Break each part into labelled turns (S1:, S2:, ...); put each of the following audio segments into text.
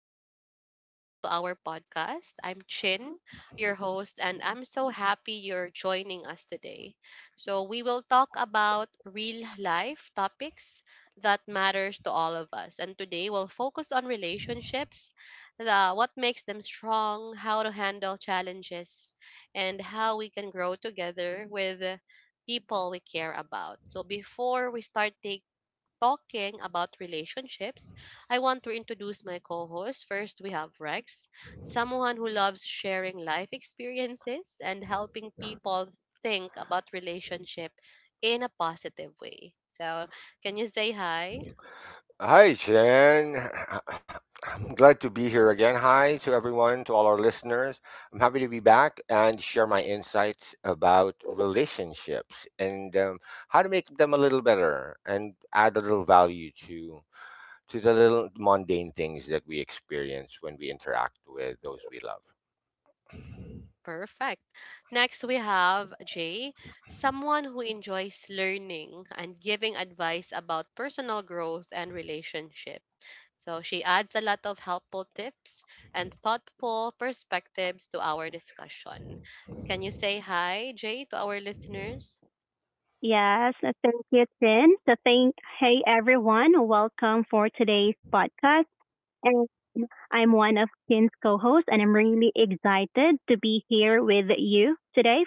S1: and welcome back to our podcast. I'm Chin, your host, and I'm so happy you're joining us today. So, we will talk about real life topics that matters to all of us. And today, we'll focus on relationships, what makes them strong, how to handle challenges, and how we can grow together with people we care about. So, before we start taking talking about relationships, I want to introduce my co host. First, we have Rex, someone who loves sharing life experiences and helping people think about relationship in a positive way. So, can you say hi?
S2: Hi, Jen. I'm glad to be here again. Hi to everyone, to all our listeners. I'm happy to be back and share my insights about relationships, and how to make them a little better and add a little value to the little mundane things that we experience when we interact with those we love.
S1: Perfect. Next, we have Jay, someone who enjoys learning and giving advice about personal growth and relationship. So she adds a lot of helpful tips and thoughtful perspectives to our discussion. Can you say hi, Jay, to our listeners?
S3: Yes, thank you, Tin. Hey everyone, welcome for today's podcast. I'm one of Kin's co-hosts, and I'm really excited to be here with you today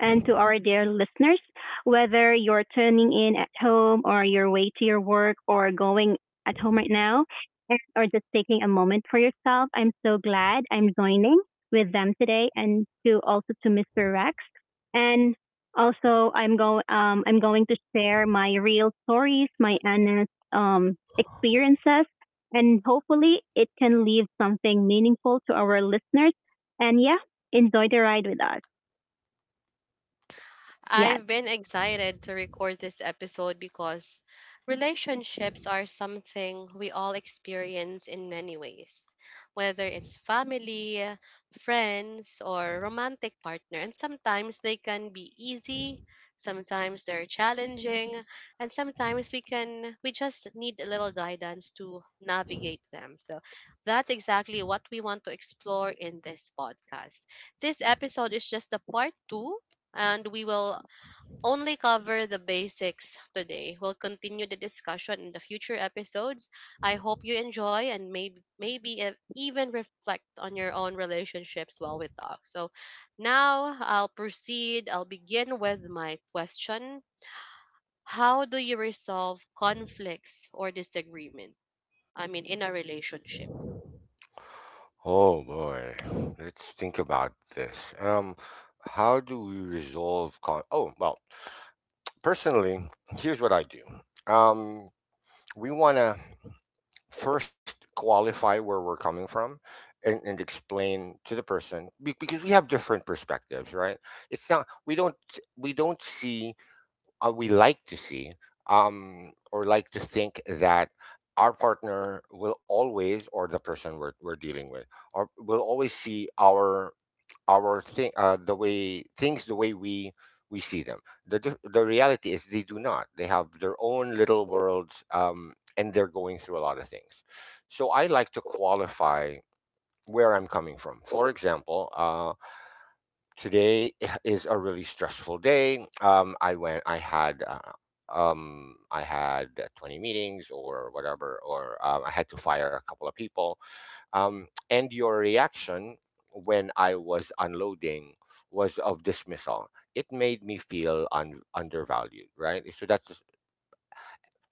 S3: and to our dear listeners. Whether you're tuning in at home or your way to your work or going at home right now, or just taking a moment for yourself, I'm so glad I'm joining with them today, and to also to Mr. Rex. And also, I'm going to share my real stories, my honest experiences, and hopefully it can leave something meaningful to our listeners. And yeah, enjoy the ride with us. Yes.
S1: I've been excited to record this episode because relationships are something we all experience in many ways, whether it's family, friends, or romantic partner. And sometimes they can be easy, sometimes they're challenging, and sometimes we just need a little guidance to navigate them. So that's exactly what we want to explore in this podcast. This episode is just a part 2 and we will only cover the basics today. We'll continue the discussion in the future episodes. I hope you enjoy and even reflect on your own relationships while we talk. So now I'll proceed. I'll begin with my question. How do you resolve conflicts or disagreement? I mean in a relationship.
S2: Oh boy, let's think about this. How do we resolve con? Oh, well, personally, here's what I do. Um, we want to first qualify where we're coming from, and explain to the person, because we have different perspectives, right? it's not We don't see, we like to see, or like to think that our partner will always, or the person we're dealing with, or will always see our thing, the way things the way we see them. The reality is they do not. They have their own little worlds, and they're going through a lot of things. So I like to qualify where I'm coming from. For example, today is a really stressful day. I had 20 meetings or whatever, or, I had to fire a couple of people, and your reaction when I was unloading was of dismissal. It made me feel undervalued, right? So that's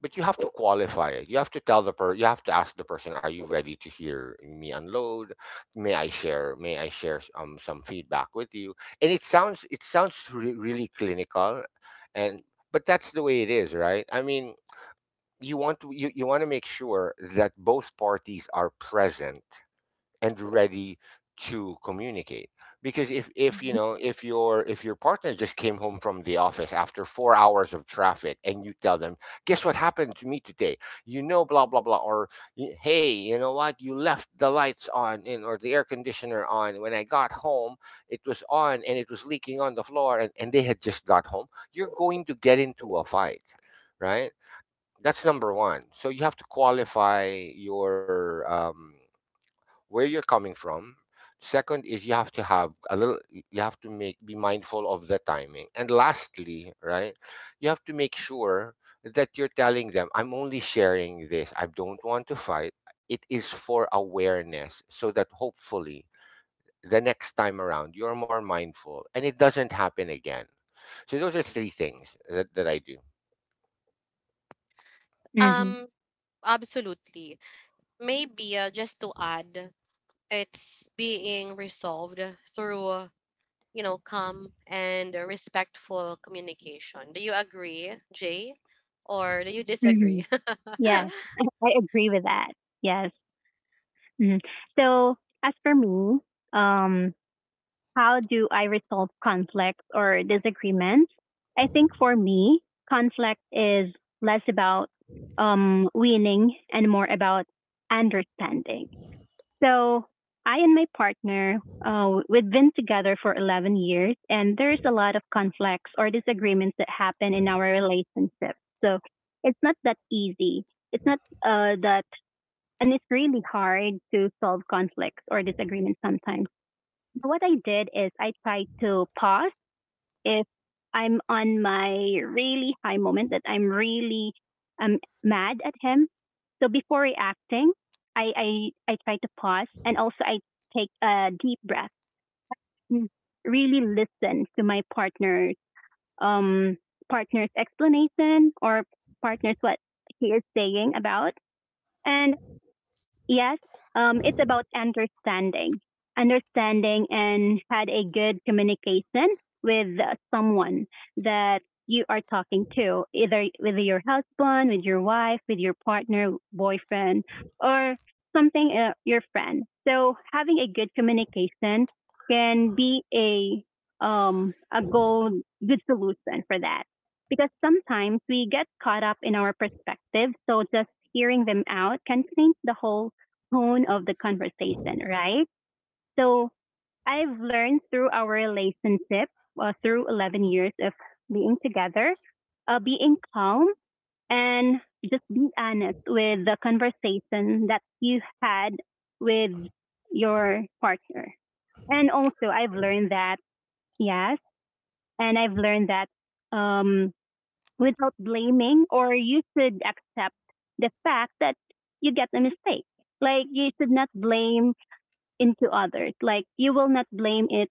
S2: But you have to qualify it. You have to ask the person, are you ready to hear me unload? May I share some feedback with you? And it sounds really clinical, and but that's the way it is, right? I mean, you want to make sure that both parties are present and ready to communicate, because if, if your partner just came home from the office after 4 hours of traffic and you tell them, guess what happened to me today, blah blah blah, or hey, you know what, you left the lights on, and or the air conditioner on, when I got home it was on and it was leaking on the floor, and they had just got home, you're going to get into a fight, right? That's number one. So you have to qualify your, where you're coming from. Second is, you have to make be mindful of the timing. And lastly, right, you have to make sure that you're telling them, I'm only sharing this. I don't want to fight. It is for awareness, so that hopefully the next time around you're more mindful and it doesn't happen again. So those are three things that I do.
S3: Hmm.
S1: Um, absolutely. Maybe just to add, it's being resolved through, you know, calm and respectful communication. Do you agree, Jay? Or do you
S3: Hmm.
S1: disagree?
S3: Yes. I agree with that. Yes. Hmm. So as for me, um, how do I resolve conflicts or disagreements? I think for me, conflict is less about winning and more about understanding. So I and my partner, we've been together for 11 years, and there's a lot of conflicts or disagreements that happen in our relationship. So it's not that easy. It's not that, and it's really hard to solve conflicts or disagreements sometimes. What I did is I tried to pause if I'm on my really high moment that I'm really um mad at him. So before reacting, I I try to pause, and also I take a deep breath, Mm, really listen to my partner, um partner's explanation or partner's what he is saying about, and Yes, it's about understanding, understanding, and had a good communication with someone that you are talking to, either with your husband, with your wife, with your partner, boyfriend, or something, your friend. So having a good communication can be a goal good solution for that, because sometimes we get caught up in our perspective, so just hearing them out can change the whole tone of the conversation, right? So I've learned through our relationship, through 11 years of being together, being calm and just be honest with the conversation that you had with your partner. And also, I've learned that, yes, and I've learned that um, without blaming, or you should accept the fact that you get a mistake. Like, you should not blame into others. Like you will not blame it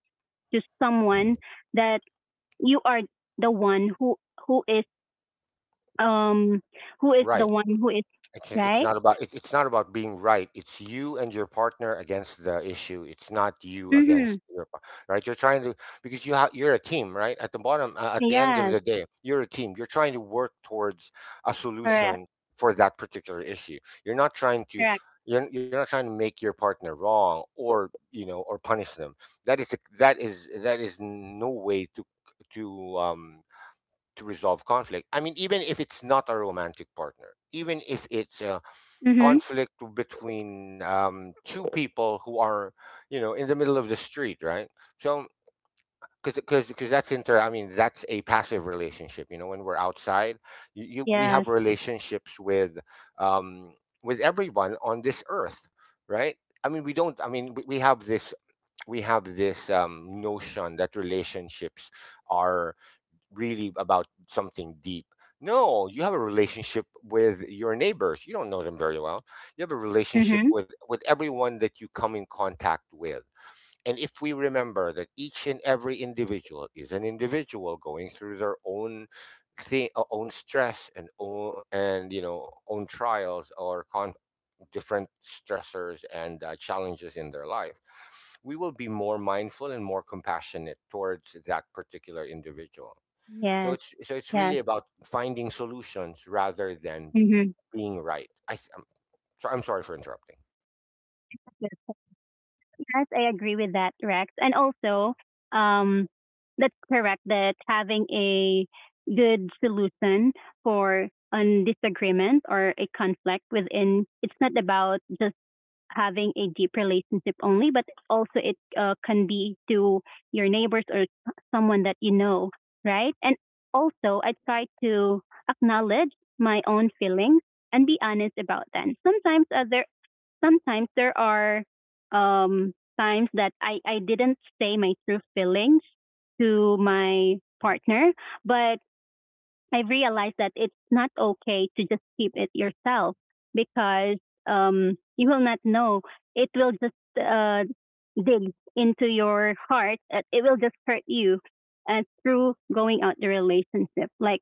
S3: to someone that you are the one who is um who is the
S2: Right.
S3: one who is
S2: It's
S3: right.
S2: not about it's not about being right. It's you and your partner against the issue. It's not you
S3: Mm-hmm.
S2: against your right. You're trying to Because you're a team, right? At the end of
S3: Yes.
S2: the day, you're a team. You're trying to work towards a
S3: Correct.
S2: solution for that particular issue. You're not trying to
S3: Correct.
S2: you're not trying to make your partner wrong, or you know or punish them. That is no way to to um to resolve conflict. I mean, even if it's not a romantic partner, even if it's a
S3: Mm-hmm.
S2: conflict between, two people who are, in the middle of the street, right? So, because that's inter I mean, that's a passive relationship. You know, when we're outside, you we
S3: Yes.
S2: have relationships with, um with everyone on this earth, right? I mean, we have this notion that relationships are really about something deep. No, you have a relationship with your neighbors. You don't know them very well. You have a relationship
S3: Mm-hmm.
S2: with everyone that you come in contact with. And if we remember that each and every individual is an individual going through their own thing, own stress, and own, and you know own trials or different stressors and, challenges in their life, we will be more mindful and more compassionate towards that particular individual.
S3: Yes.
S2: So it's
S3: Yes.
S2: really about finding solutions rather than
S3: Mm-hmm.
S2: being right. So I'm sorry for interrupting.
S3: Yes. Yes, I agree with that, Rex. And also, um, that's correct that having a good solution for a disagreement or a conflict within, it's not about just having a deep relationship only, but also it can be to your neighbors or someone that you know, right? And also, I try to acknowledge my own feelings and be honest about them. Sometimes there are, um, times that I didn't say my true feelings to my partner, but I realized that it's not okay to just keep it yourself, because you will not know. It will just dig into your heart. It will just hurt you through going out the relationship. Like,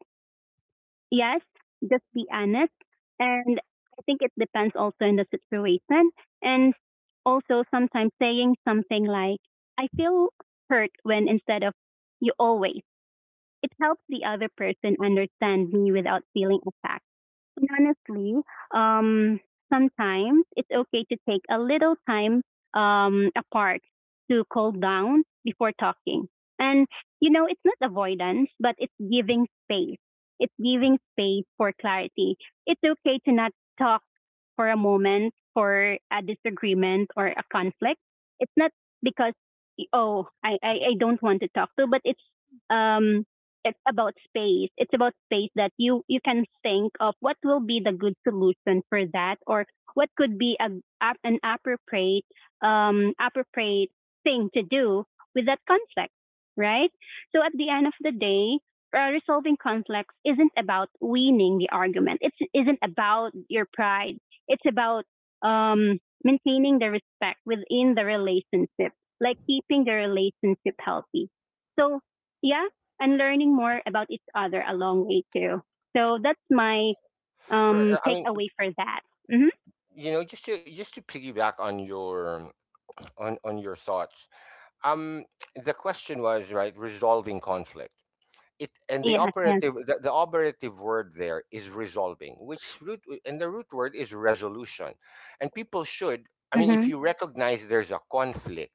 S3: yes, just be honest. And I think it depends also in the situation. And also sometimes saying something like, I feel hurt when instead of you always, it helps the other person understand me without feeling attacked. And honestly, um, sometimes it's okay to take a little time apart to cool down before talking. And, it's not avoidance, but it's giving space. It's giving space for clarity. It's okay to not talk for a moment for a disagreement or a conflict. It's not because, oh, I don't want to talk to, but it's, um, it's about space. It's about space that you can think of what will be the good solution for that, or what could be a, an appropriate, appropriate thing to do with that conflict, right? So at the end of the day, resolving conflicts isn't about winning the argument. It isn't about your pride. It's about maintaining the respect within the relationship, like keeping the relationship healthy. So yeah, and learning more about each other along way too. So that's my
S2: I mean,
S3: takeaway for that. Mm-hmm.
S2: just to piggyback on your on your thoughts. Um, the question was, right, resolving conflict. It and the
S3: Yes, yes.
S2: operative the operative word there is resolving, which root and the root word is resolution. And people should I mean, if
S3: Mhm.
S2: you recognize there's a conflict,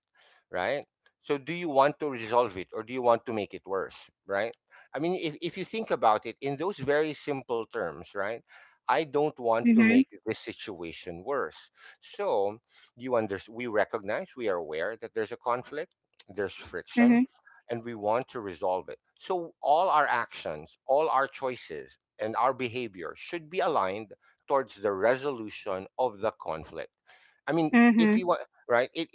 S2: right? So do you want to resolve it, or do you want to make it worse, right? I mean, if you think about it in those very simple terms, right? I don't want to
S3: Mhm.
S2: make this situation worse. So you under we are aware that there's a conflict, there's friction,
S3: Mhm.
S2: and we want to resolve it. So all our actions, all our choices, and our behavior should be aligned towards the resolution of the conflict. I mean, if you
S3: Mhm.
S2: want, right? It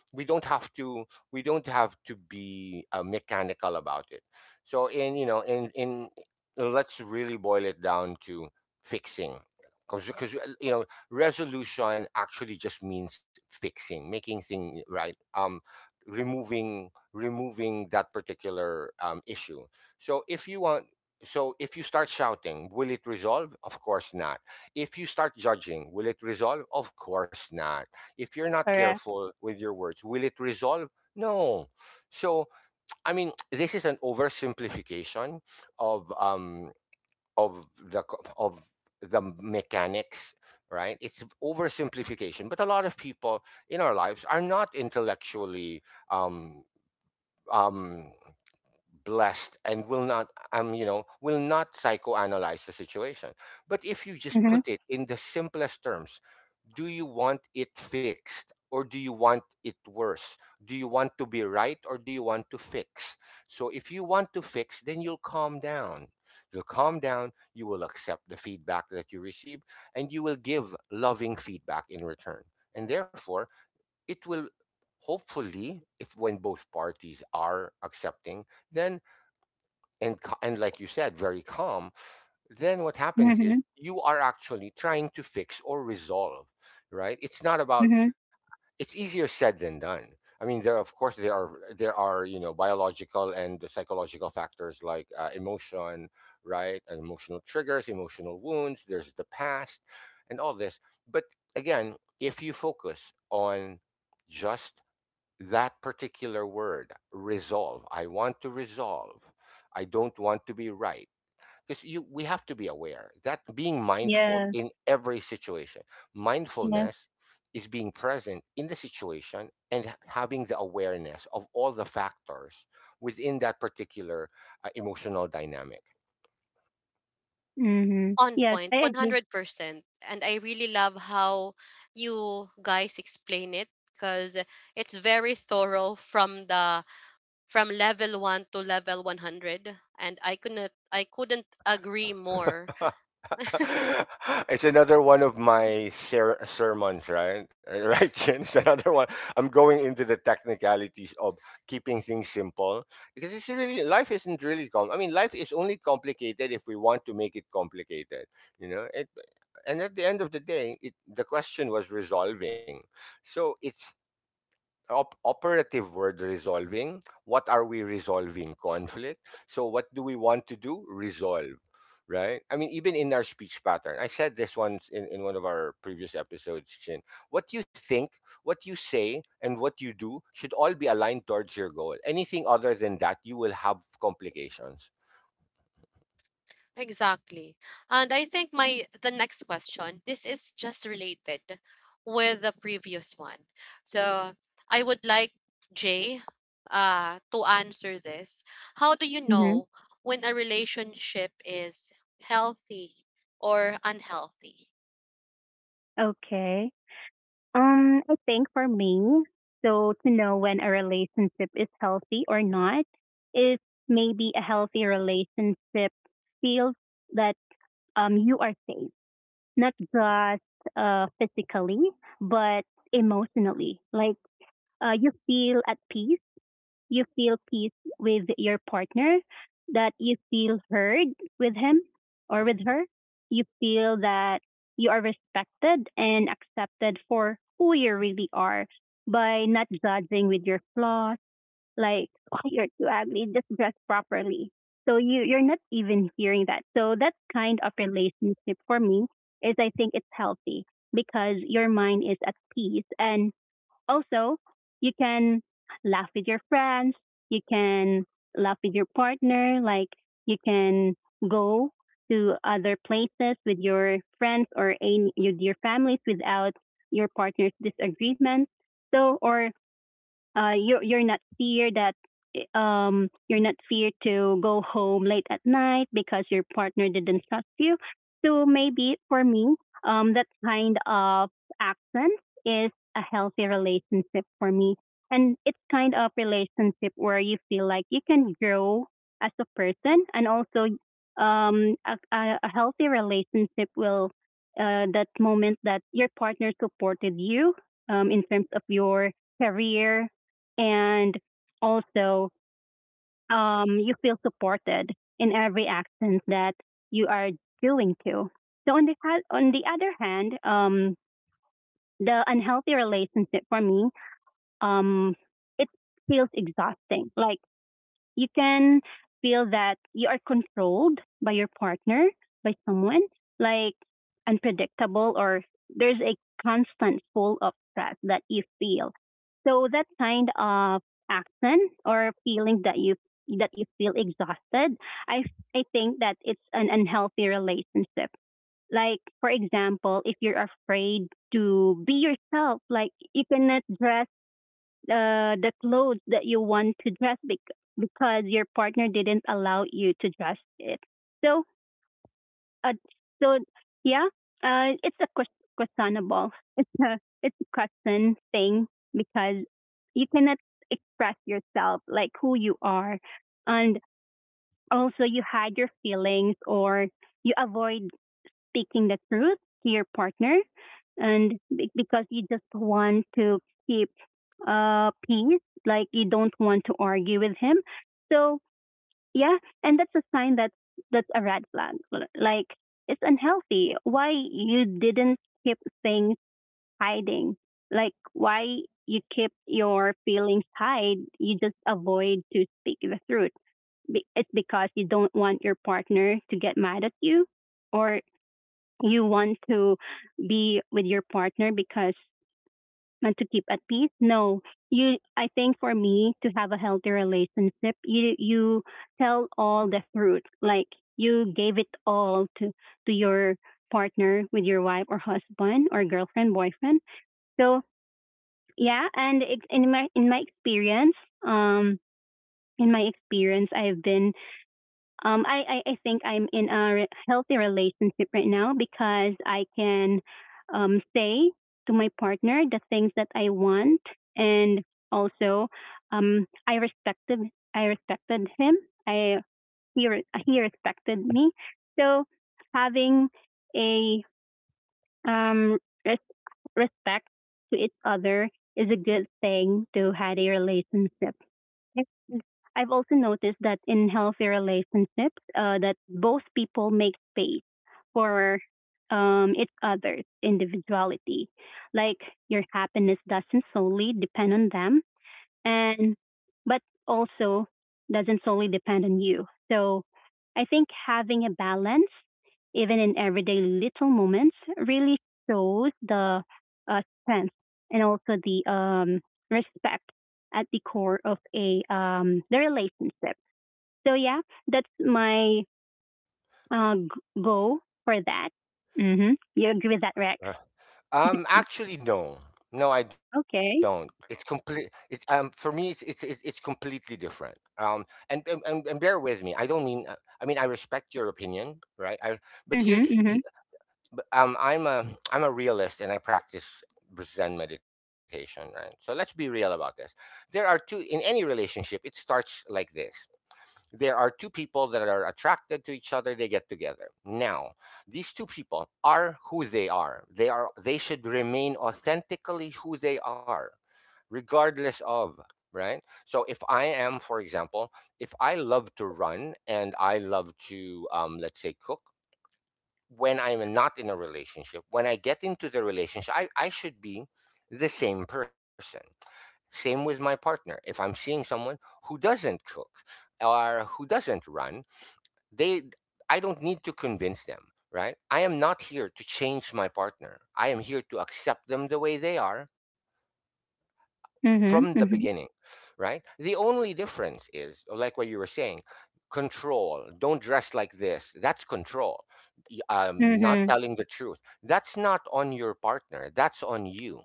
S2: we don't have to we don't have to be, mechanical about it. So, in you know in let's really boil it down to fixing. Because, you know, resolution actually just means fixing, making things right, removing, that particular, issue. So if you want, so if you start shouting, will it resolve? Of course not. If you start judging, will it resolve? Of course not. If you're not
S3: Correct.
S2: careful with your words, will it resolve? No. So, I mean, this is an oversimplification of, of the co- of the mechanics, right? It's oversimplification. But a lot of people in our lives are not intellectually, um, um, blessed, and will not, psychoanalyze the situation. But if you just
S3: Mhm.
S2: put it in the simplest terms, do you want it fixed or do you want it worse? Do you want to be right or do you want to fix? So if you want to fix, then you'll calm down. You will accept the feedback that you receive, and you will give loving feedback in return, and therefore it will hopefully, if when both parties are accepting, then, and ca- and like you said, very calm, then what happens is
S3: Mhm.
S2: you are actually trying to fix or resolve, right? it's not about
S3: Mhm.
S2: It's easier said than done. I mean, there of course there are there are, you know, biological and psychological factors, like, emotion, right? And emotional triggers, emotional wounds, there's the past, and all this. But again, if you focus on just that particular word, resolve. I want to resolve. I don't want to be right. Because you we have to be aware that being mindful
S3: Yes.
S2: in every situation,
S3: Yes.
S2: mindfulness is being present in the situation, and having the awareness of all the factors within that particular, emotional dynamic.
S3: Mhm.
S1: On
S3: Yes,
S1: point,
S3: I
S1: one
S3: agree.
S1: hundred percent And I really love how you guys explain it because it's very thorough from the from level 1 to level 100, and I couldn't agree more.
S2: It's another one of my sermons, right? Right, Jen? It's another one. I'm going into the technicalities of keeping things simple, because it's really life isn't really com. I mean, life is only complicated if we want to make it complicated. You know, and at the end of the day, the question was resolving. So it's operative word, resolving. What are we resolving? Conflict. So what do we want to do? Resolve. Right? I mean, even in our speech pattern, I said this once in, one of our previous episodes, Chin. What you think, what you say, and what you do should all be aligned towards your goal. Anything other than that, you will have complications.
S1: Exactly. And I think my the next question, this is just related with the previous one. So I would like Jay to answer this. How do you
S3: Mhm.
S1: know when a relationship is healthy or unhealthy?
S3: Okay. I think for me, so to know when a relationship is healthy or not, is maybe a healthy relationship feels that you are safe not just physically, but emotionally. Like you feel at peace, you feel peace with your partner, that you feel heard with him or with her. You feel that you are respected and accepted for who you really are by not judging with your flaws, like, oh, you're too ugly, just dress properly. So you, you're not even hearing that. So that kind of relationship for me is I think it's healthy because your mind is at peace. And also you can laugh with your friends. You can laugh with your partner. Like you can go to other places with your friends or any, with your families without your partner's disagreement. So, or you're not fear that you're not fear to go home late at night because your partner didn't trust you. So maybe for me, that kind of accent is a healthy relationship for me, and it's kind of relationship where you feel like you can grow as a person, and also a healthy relationship will that moment that your partner supported you in terms of your career and also you feel supported in every action that you are doing too. So on the ha- on the other hand, the unhealthy relationship for me, um, it feels exhausting. Like you can feel that you are controlled by your partner, by someone, like unpredictable or there's a constant full of stress that you feel. So that kind of action or feeling that you feel exhausted, I I think that it's an unhealthy relationship. Like for example, if you're afraid to be yourself, like you cannot dress the clothes that you want to dress bec- because your partner didn't allow you to dress it. So, uh, so yeah, it's a ques- questionable. It's a question thing because you cannot express yourself like who you are, and also you hide your feelings or you avoid speaking the truth to your partner and be- because you just want to keep peace like you don't want to argue with him so yeah and that's a sign that that's a red flag L- like it's unhealthy why you didn't keep things hiding like why you keep your feelings hide you just avoid to speak the truth Be- it's because you don't want your partner to get mad at you or you want to be with your partner because and to keep at peace no you I think for me to have a healthy relationship you you tell all the truth like you gave it all to your partner with your wife or husband or girlfriend boyfriend so yeah and it, um in my experience I've been I think I'm in a re- healthy relationship right now because I can say to my partner the things that I want, and also um, I respected I respected him. I he re- he respected me. So having a um, res- respect to each other is a good thing to have a relationship. And I've also noticed that in healthy relationships, that both people make space for each other's individuality. Like your happiness doesn't solely depend on them and but also doesn't solely depend on you. So I think having a balance, even in everyday little moments, really shows the strength and also the respect at the core of a the relationship. So yeah, that's my g- goal for that. Mm-hmm. You agree with that, Rex?
S2: Actually, no, no, I don't. It's
S3: Okay.
S2: complete. It's For me, it's completely different. And bear with me. I don't mean. I mean, I respect your opinion, right? I But
S3: Mm-hmm. Mm-hmm.
S2: but, I'm a realist, and I practice Zen meditation, right? So let's be real about this. There are two in any relationship. It starts like this. There are two people that are attracted to each other. They get together. Now, these two people are who they are. They should remain authentically who they are, regardless of, right? So, if I am for example if I love to run and I love to, let's say, cook, when I'm not in a relationship, when I get into the relationship, I should be the same person, same with my partner. If I'm seeing someone who doesn't cook or who doesn't run, they I don't need to convince them, right? I am not here to change my partner. I am here to accept them the way they are from
S3: Mm-hmm.
S2: the
S3: Mm-hmm.
S2: beginning, right? The only difference is, like what you were saying, control. Don't dress like this. That's control. Not
S3: Mm-hmm.
S2: telling the truth. That's not on your partner. That's on you.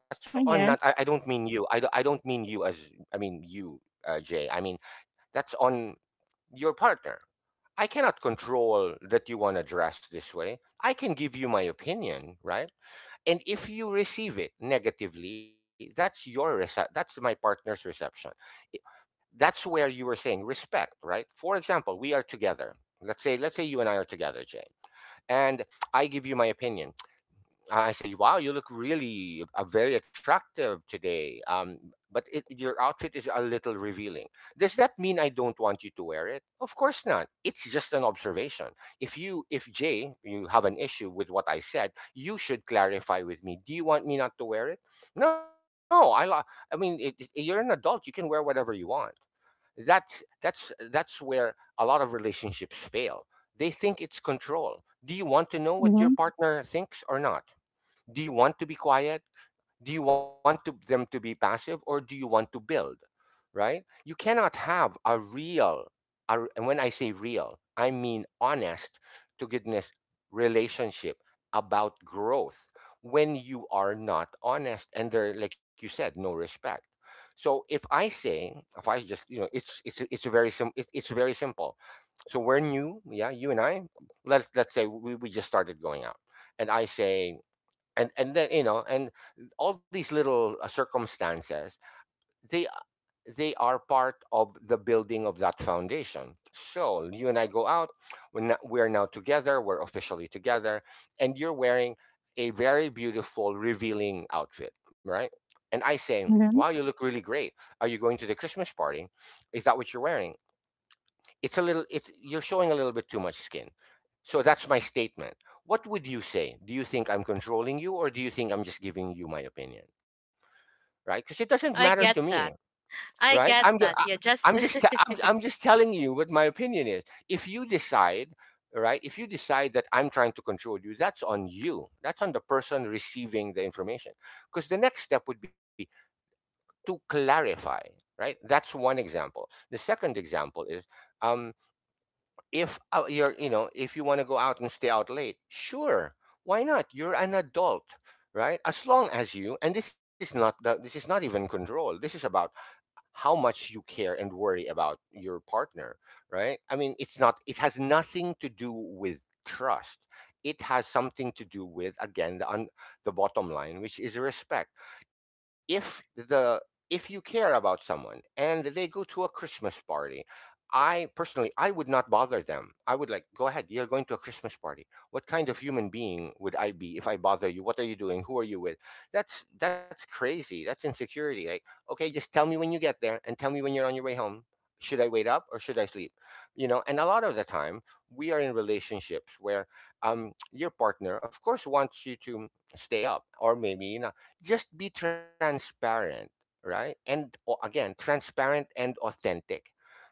S2: That's
S3: Oh
S2: on
S3: yes.
S2: not. I don't mean you. I don't mean you as. I mean you, Jay. I mean that's on your partner. I cannot control that you want to dress this way. I can give you my opinion, right? And if you receive it negatively, that's my partner's reception. I- that's where you were saying respect, right? For example, we are together. Let's say you and I are together, Jane. And I give you my opinion. I say, wow, you look really very attractive today. Your outfit is a little revealing. Does that mean I don't want you to wear it? Of course not. It's just an observation. If Jay, you have an issue with what I said, you should clarify with me. Do you want me not to wear it? No, I, lo- I mean, you're an adult. You can wear whatever you want. That's where a lot of relationships fail. They think it's control. Do you want to know what your
S3: Mm-hmm.
S2: partner thinks or not? Do you want to be quiet? Do you want to, them to be passive, or do you want to build? Right, you cannot have a real and when I say real, I mean honest to goodness relationship about growth when you are not honest and there, like you said, no respect. So if I say, if I just, it's very sim it, it's very simple. So we're new, yeah, you and I. Let's say we just started going out. And I say, and then you know and all these little circumstances, they uh, they are part of the building of that foundation. So you and I go out, we're now together, we're officially together. And you're wearing a very beautiful revealing outfit, right? And I say, wow, you look really great. Are you going to the Christmas party? Is that what you're wearing? It's a little, it's, you're showing a little bit too much skin. So that's my statement. What would you say? Do you think I'm controlling you, or do you think I'm just giving you my opinion? Right, because it doesn't matter
S1: I
S2: to
S1: get
S2: me.
S1: that. I
S2: Right, I'm
S1: get
S2: just,
S1: that. Yeah, just
S2: I'm just telling you what my opinion is. If you decide, right, if you decide that I'm trying to control you, that's on you. That's on the person receiving the information. Because the next step would be to clarify, right? That's one example. The second example is, um, if you're, you know, if you want to go out and stay out late, sure, why not? You're an adult, right? As long as you, and this is not even control. This is about how much you care and worry about your partner, right? I mean, it's not, it has nothing to do with trust. It has something to do with, again, the bottom line, which is respect. If the, if you care about someone and they go to a Christmas party, I personally, I would not bother them. I would like, go ahead, you're going to a Christmas party. What kind of human being would I be if I bother you? What are you doing? Who are you with? That's crazy. That's insecurity. Like, okay, just tell me when you get there and tell me when you're on your way home. Should I wait up or should I sleep? You know, and a lot of the time we are in relationships where, your partner, of course, wants you to stay up, or maybe, you know, just be transparent, right? And, or again, transparent and authentic.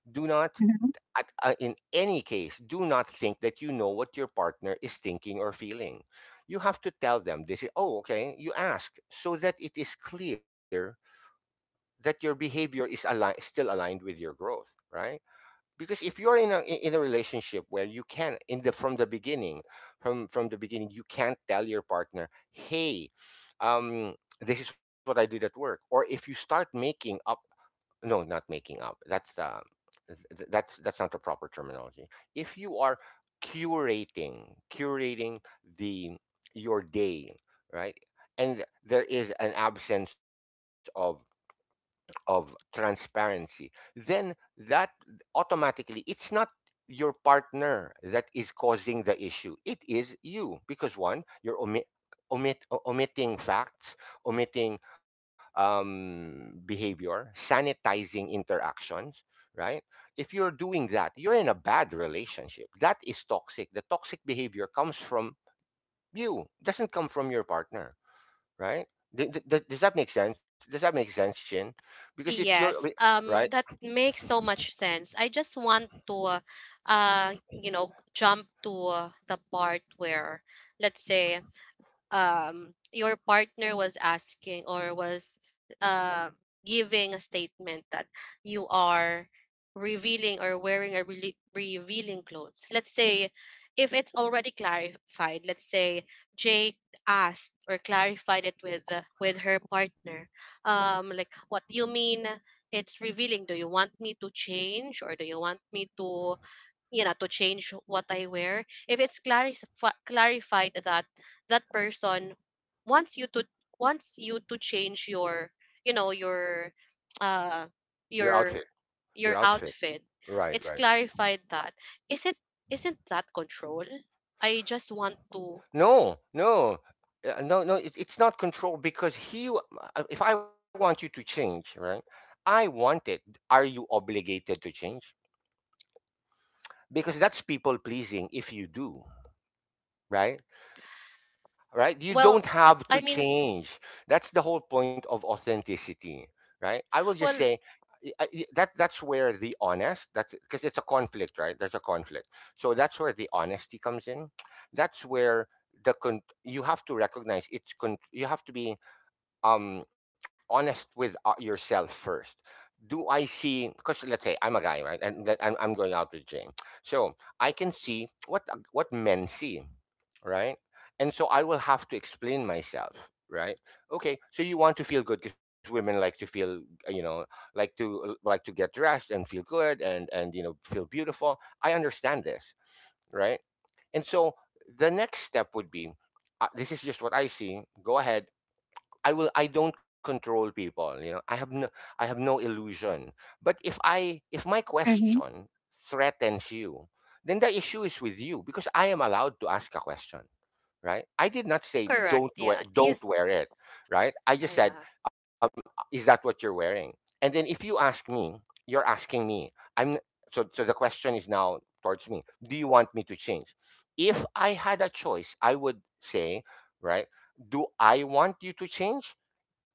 S2: Do not,
S3: Mm-hmm.
S2: in any case, do not think that you know what your partner is thinking or feeling. You have to tell them. They say, oh, okay, you ask so that it is clear that your behavior is still aligned with your growth, right? Because if you're in a relationship where you can, in the from the beginning, from the beginning, you can't tell your partner, "Hey, um, this is what I did at work." Or if you start making up, no, not making up. That's not the proper terminology. If you are curating the, your day, right? And there is an absence of transparency, then that automatically, it's not your partner that is causing the issue. It is you. Because one, you're omit, omit, o- omitting facts, omitting, behavior, sanitizing interactions, right? If you're doing that, you're in a bad relationship. That is toxic. The toxic behavior comes from you, doesn't come from your partner, right? Does that make sense? Does that make sense, Chin? Because it's your wi-
S1: Yes,
S2: Right,
S1: that makes so much sense. I just want to, you know, jump to the part where, let's say, your partner was asking or was uh, giving a statement that you are revealing or wearing a really revealing clothes, let's say. If it's already clarified, let's say jake asked or clarified it with her partner. Like what do you mean it's revealing? Do you want me to change, or do you want me to, you know, to change what I wear? If it's clarified that that person wants you to, wants you to change your, you know, your uh
S2: your outfit,
S1: your
S2: your
S1: your
S2: outfit,
S1: outfit,
S2: right,
S1: it's
S2: right.
S1: clarified that, isn't isn't that control? I just want to
S2: No, no, no, no. It's not control because if I want you to change, right? I want it. Are you obligated to change? Because that's people pleasing. If you do, right? Right? You
S1: well
S2: don't have to
S1: i mean
S2: change. That's the whole point of authenticity, right? I will just
S1: well
S2: say, that, that's where the honest, that's because it's a conflict, right? There's a conflict, so that's where the honesty comes in. That's where you have to recognize, you have to be, um honest with, yourself first. Do I see, because let's say I'm a guy, right? And that I'm going out with Jane. So I can see what, what men see, right? And so I will have to explain myself, right? Okay, so you want to feel good because women like to feel, you know, like to, get dressed and feel good, and, you know, feel beautiful. I understand this, right? And so the next step would be, this is just what I see, go ahead. I will, I don't control people, you know. I have no, I have no illusion. But if I, if my
S3: Mhm,
S2: question threatens you, then the issue is with you, because I am allowed to ask a question, right? I did not say
S1: Correct, yeah,
S2: don't
S1: yes.
S2: wear it, right? I
S1: Ah,
S2: just said,
S1: yeah.
S2: um, is that what you're wearing? And then if you ask me, you're asking me. I'm, so, so the question is now towards me. Do you want me to change? If I had a choice, I would say, right? Do I want you to change,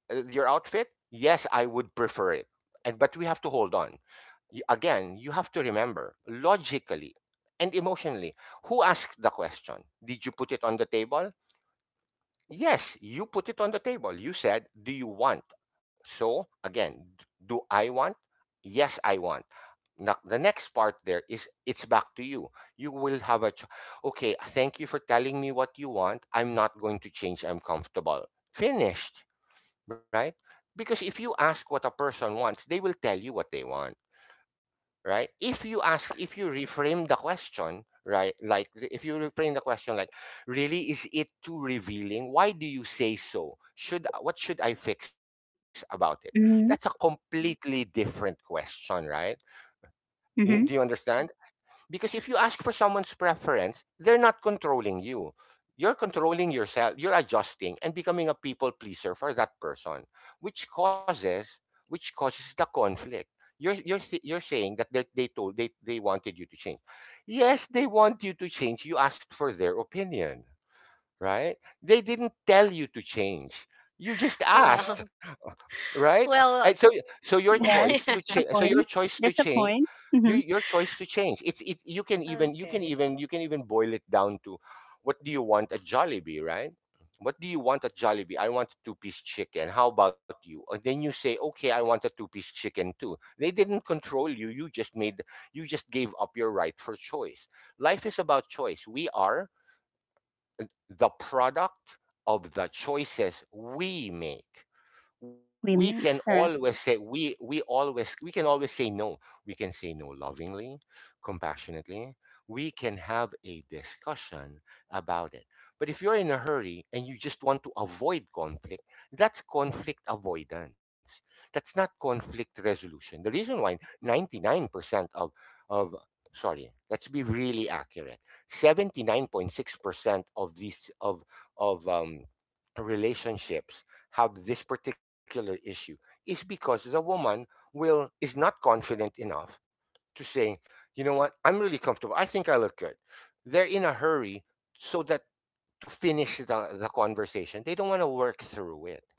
S2: your outfit? Yes, I would prefer it. And but we have to hold on. Again, you have to remember logically and emotionally, who asked the question? Did you put it on the table? Yes, you put it on the table. You said, "Do you want?" So, again, do I want? Yes, I want. Now, the next part there, is it's back to you. You will have a okay, thank you for telling me what you want. I'm not going to change. I'm comfortable. Finished, right? Because if you ask what a person wants, they will tell you what they want, right? If you ask, if you reframe the question, right? Like, if you reframe the question, like, really, is it too revealing? Why do you say so? Should, what should I fix about it? That's a
S3: mhm,
S2: completely different question, right? Do you
S3: mhm.
S2: understand? Because if you ask for someone's preference, they're not controlling you. You're controlling yourself, you're adjusting and becoming a people pleaser for that person, which causes, the conflict. You're saying that they told, they wanted you to change. Yes, they want you to change. You asked for their opinion, right? They didn't tell you to change. You just, oh, asked,
S1: Well,
S2: right? And
S1: well,
S2: so, so your
S3: Yes,
S2: choice to
S3: a
S2: change. So your
S3: point.
S2: choice to
S3: There's a
S2: change.
S3: point. Mhm.
S2: Your choice to change. It's it.
S1: okay,
S2: You can even boil it down to, what do you want at Jollibee, right? What do you want at Jollibee? I want a two-piece chicken. How about you? And then you say, okay, I want a two-piece chicken too. They didn't control you. You just made, you just gave up your right for choice. Life is about choice. We are the product of the choices we make. We can
S3: Women,
S2: always say
S3: correct.
S2: We always we can always say no. We can say no lovingly, compassionately. We can have a discussion about it, but if you're in a hurry and you just want to avoid conflict, that's conflict avoidance. That's not conflict resolution. The reason why 99% of sorry, let's be really accurate, 79.6% of these of relationships have this particular issue is because the woman will is not confident enough to say, you know what, I'm really comfortable. I think I look good. They're in a hurry so that to finish the conversation. They don't want to work through it,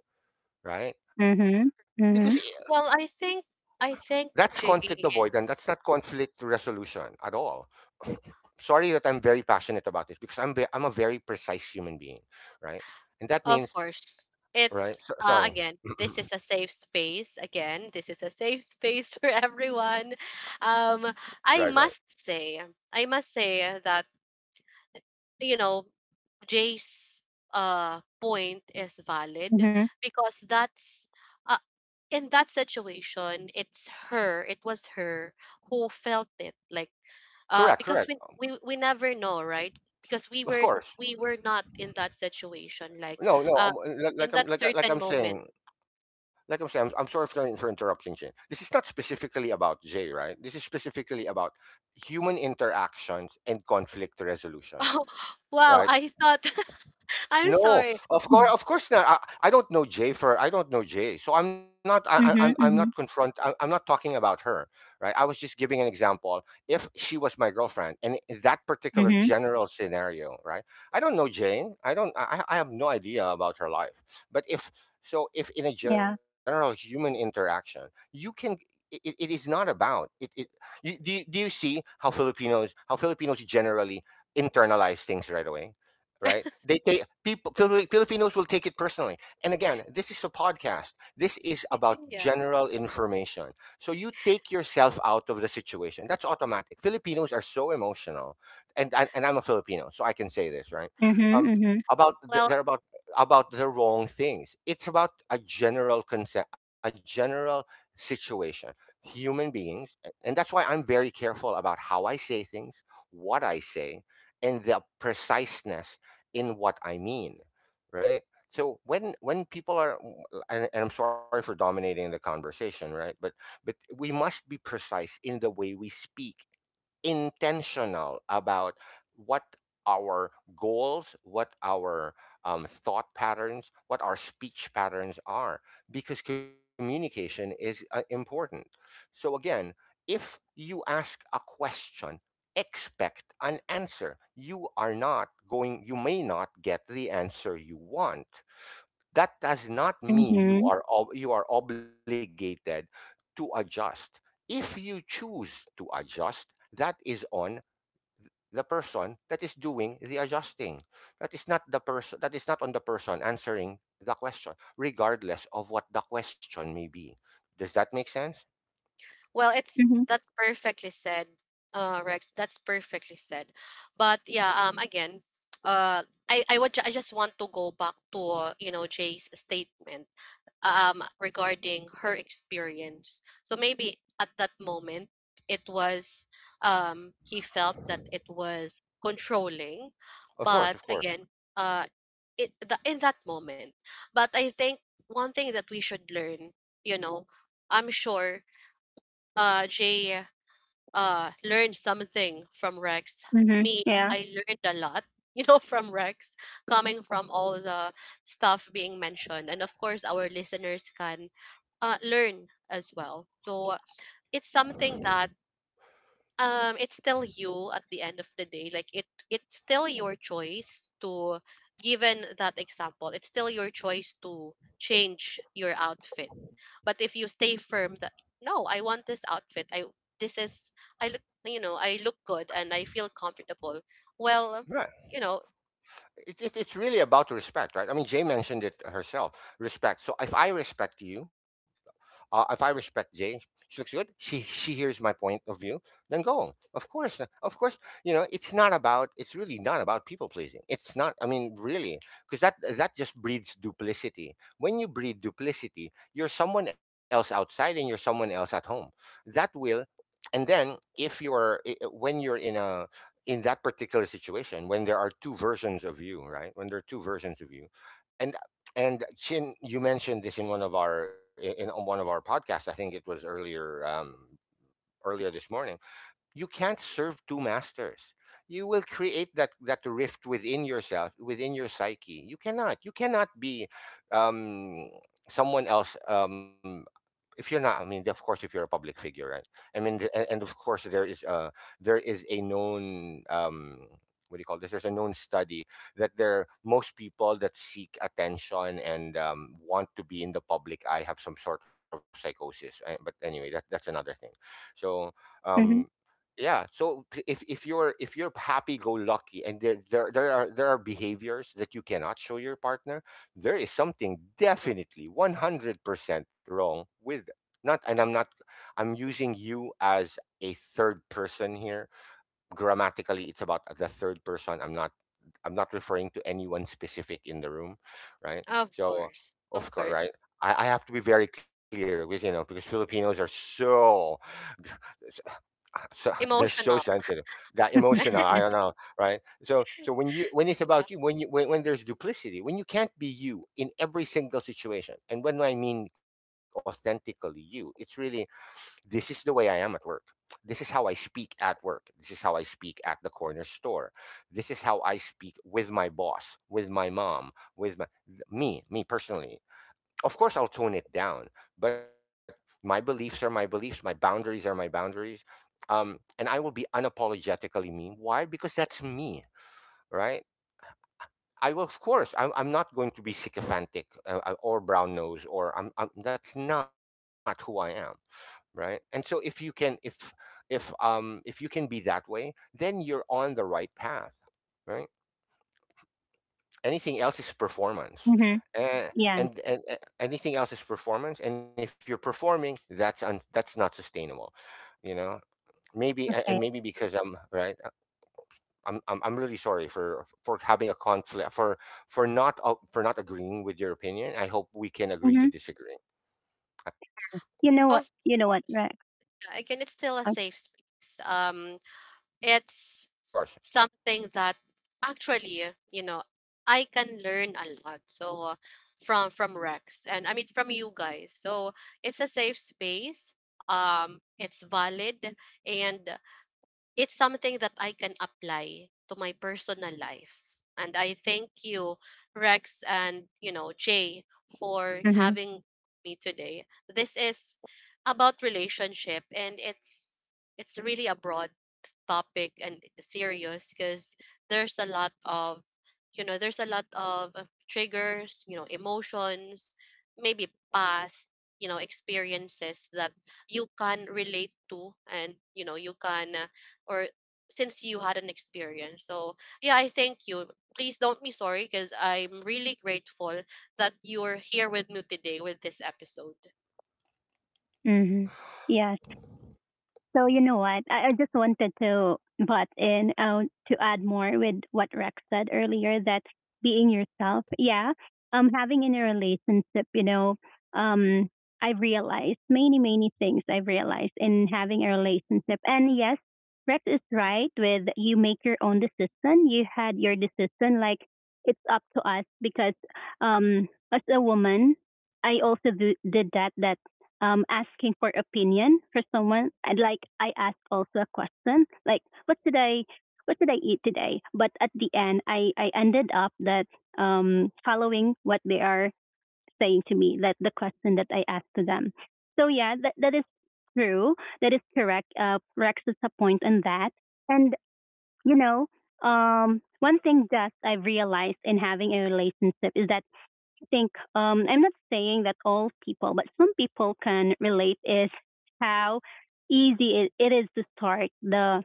S2: right? Because
S3: Mhm,
S2: i-
S3: mhm,
S1: well i think i
S2: that's
S1: think
S2: conflict
S1: jay
S2: avoidance. That's not
S1: is.
S2: conflict resolution at all. Sorry that I'm very passionate about this because I'm a very precise human being, right? And that
S1: Of
S2: means,
S1: course.
S2: right?
S1: It's
S2: So, sorry.
S1: again, this is a safe space. Again, this is a safe space for everyone. Um,
S2: Right,
S1: I
S2: right, right.
S1: must say that, you know, Jay's point is valid
S3: mhm,
S1: because that's. Uh in that situation, it's her who felt it. Like
S2: Correct,
S1: because
S2: correct.
S1: we never know, right? Because
S2: Of course.
S1: we were not in that situation. Like
S2: No, no.
S1: uh in that certain moment.
S2: Like I'm saying, I'm sorry for, interrupting, Jay. This is not specifically about Jay, right? This is specifically about human interactions and conflict resolution,
S1: Oh wow,
S2: right?
S1: I thought. I'm
S2: No,
S1: sorry.
S2: of course not. I don't know Jay, so I'm not. I'm
S3: mhm,
S2: not
S3: mhm,
S2: confront. I'm not talking about her, right? I was just giving an example. If she was my girlfriend, and in that particular
S3: mhm.
S2: general scenario, right? I don't know Jane. I don't. I have no idea about her life. But if so, if in a
S3: Yeah.
S2: general human interaction, you can. It is not about it. It you, do you see how Filipinos generally internalize things right away? Right? They take people. Filipinos will take it personally. And again, this is a podcast. This is about
S1: Yeah.
S2: general information. So you take yourself out of the situation. That's automatic. Filipinos are so emotional, and I'm a Filipino, so I can say this, right.
S3: Mhm,
S2: Um,
S3: mhm,
S2: about th-
S1: Well
S2: they're about about the wrong things. It's about a general consent, a general situation. Human beings, and that's why I'm very careful about how I say things, what I say, and the preciseness in what I mean, right? So when people are, and I'm sorry for dominating the conversation, right? But we must be precise in the way we speak, intentional about what our goals, what our thought patterns, what our speech patterns are, because communication is important. So again, if you ask a question, expect an answer. You are not going, you may not get the answer you want. That does not mean
S3: mhm,
S2: you are obligated to adjust. If you choose to adjust, that is on the person that is doing the adjusting. That is not on the person answering the question, regardless of what the question may be. Does that make sense?
S1: it's,
S3: mhm,
S1: that's perfectly said. Rex, that's perfectly said. But yeah, again, uh I would I just want to go back to you know, Jay's statement regarding her experience. So maybe at that moment it was, he felt that it was controlling,
S2: Of course,
S1: but
S2: of course.
S1: again, uh in that moment. But I think one thing that we should learn, you know, I'm sure jay learned something from rex.
S3: mhm.
S1: Me,
S3: Yeah.
S1: I learned a lot you know, from rex, coming from all the stuff being mentioned. And of course our listeners can, learn as well. So it's something that it's still you at the end of the day. It's still your choice to, given that example, it's still your choice to change your outfit. But if you stay firm that no, I want this outfit. I this is I look, you know, I look good and I feel comfortable. Well,
S2: Right.
S1: you know,
S2: It's it's really about respect, right? I mean, Jay mentioned it herself, respect. So if I respect you, uh, if I respect Jay, she looks good. She hears my point of view. Then go. Of course, of course. You know, It's really not about people pleasing. It's not. I mean, really, because that just breeds duplicity. When you breed duplicity, you're someone else outside and you're someone else at home. That will, and then if you're I- when you're in a in that particular situation, when there are two versions of you, right, when there are two versions of you, and and Chin, you mentioned this in one of our in one of our podcasts, I think it was earlier, earlier this morning, you can't serve two masters. You will create that rift within yourself, within your psyche. You cannot be, um someone else, if you're not. I mean, of course, if you're a public figure, right, I mean, and of course there is a, there is a known, what do you call this, there's a known study that there most people that seek attention and want to be in the public eye have some sort of psychosis. I, but anyway, that that's another thing. So, um
S3: Mhm,
S2: yeah, so if you're happy go lucky and there are behaviors that you cannot show your partner, there is something definitely 100% wrong with, not and I'm not, I'm using you as a third person here. Grammatically, it's about the third person. I'm not referring to anyone specific in the room, right? So
S1: of
S2: of course,
S1: course,
S2: right. I have to be very clear with, you know, because Filipinos are so so they're so
S1: emotional.
S2: sensitive, that emotional, I don't know, right? So so when you, when it's
S1: Yeah,
S2: about you, when you, when there's duplicity, when you can't be you in every single situation, and when, I mean, authentically you, it's really, this is the way I am at work, this is how I speak at work, this is how I speak at the corner store, this is how I speak with my boss, with my mom, with my, me, me personally, of course I'll tone it down, but my beliefs are my beliefs, my boundaries are my boundaries. And I will be unapologetically me. Why? Because that's me, right? I will, of course, I'm not going to be sycophantic, or brown nose, that's not who I am, right? And so if you can, if, if you can be that way, then you're on the right path, right? Anything else is
S3: mhm.
S2: performance. Uh,
S3: Yes.
S2: and anything else is performance, and if you're performing, that's not sustainable, you know. Maybe,
S3: Okay.
S2: and maybe because I'm, right, I'm really sorry for, having a conflict, for not for not agreeing with your opinion. I hope we can agree
S3: Mhm.
S2: to disagree.
S3: You know what?
S1: of
S3: You know what,
S1: course.
S3: Rex?
S1: Yeah, again, it's still a safe space. It's
S2: Of course.
S1: something that actually, you know, I can learn a lot, so from from rex, and I mean from you guys. So it's a safe space, it's valid, and it's something that I can apply to my personal life. And I thank you rex, and you know jay, for
S3: Mhm,
S1: having me today. This is about relationship, and it's really a broad topic and serious, because there's a lot of, you know, there's a lot of triggers, you know, emotions, maybe past, you know, experiences that you can relate to. And you know, you can, or since you had an experience. So yeah, I thank you. Please don't be sorry, because I'm really grateful that you're here with me today with this episode.
S3: mhm. Yes. So you know what? I just wanted to butt in to add more with what Rex said earlier, that being yourself, yeah, having in a relationship, you know, um, I've realized many many things I've realized in having a relationship, and yes, Rex is right with you make your own decision. You had your decision, like it's up to us, because as a woman, I also did that that asking for opinion for someone. And like I ask also a question, like what did I eat today? But at the end, I ended up that following what they are saying to me, that the question that I asked to them. So yeah, that is true. That is correct. Rex is a point on that. And you know, one thing that I've realized in having a relationship is that think I'm not saying that all people, but some people can relate is how easy it is to start the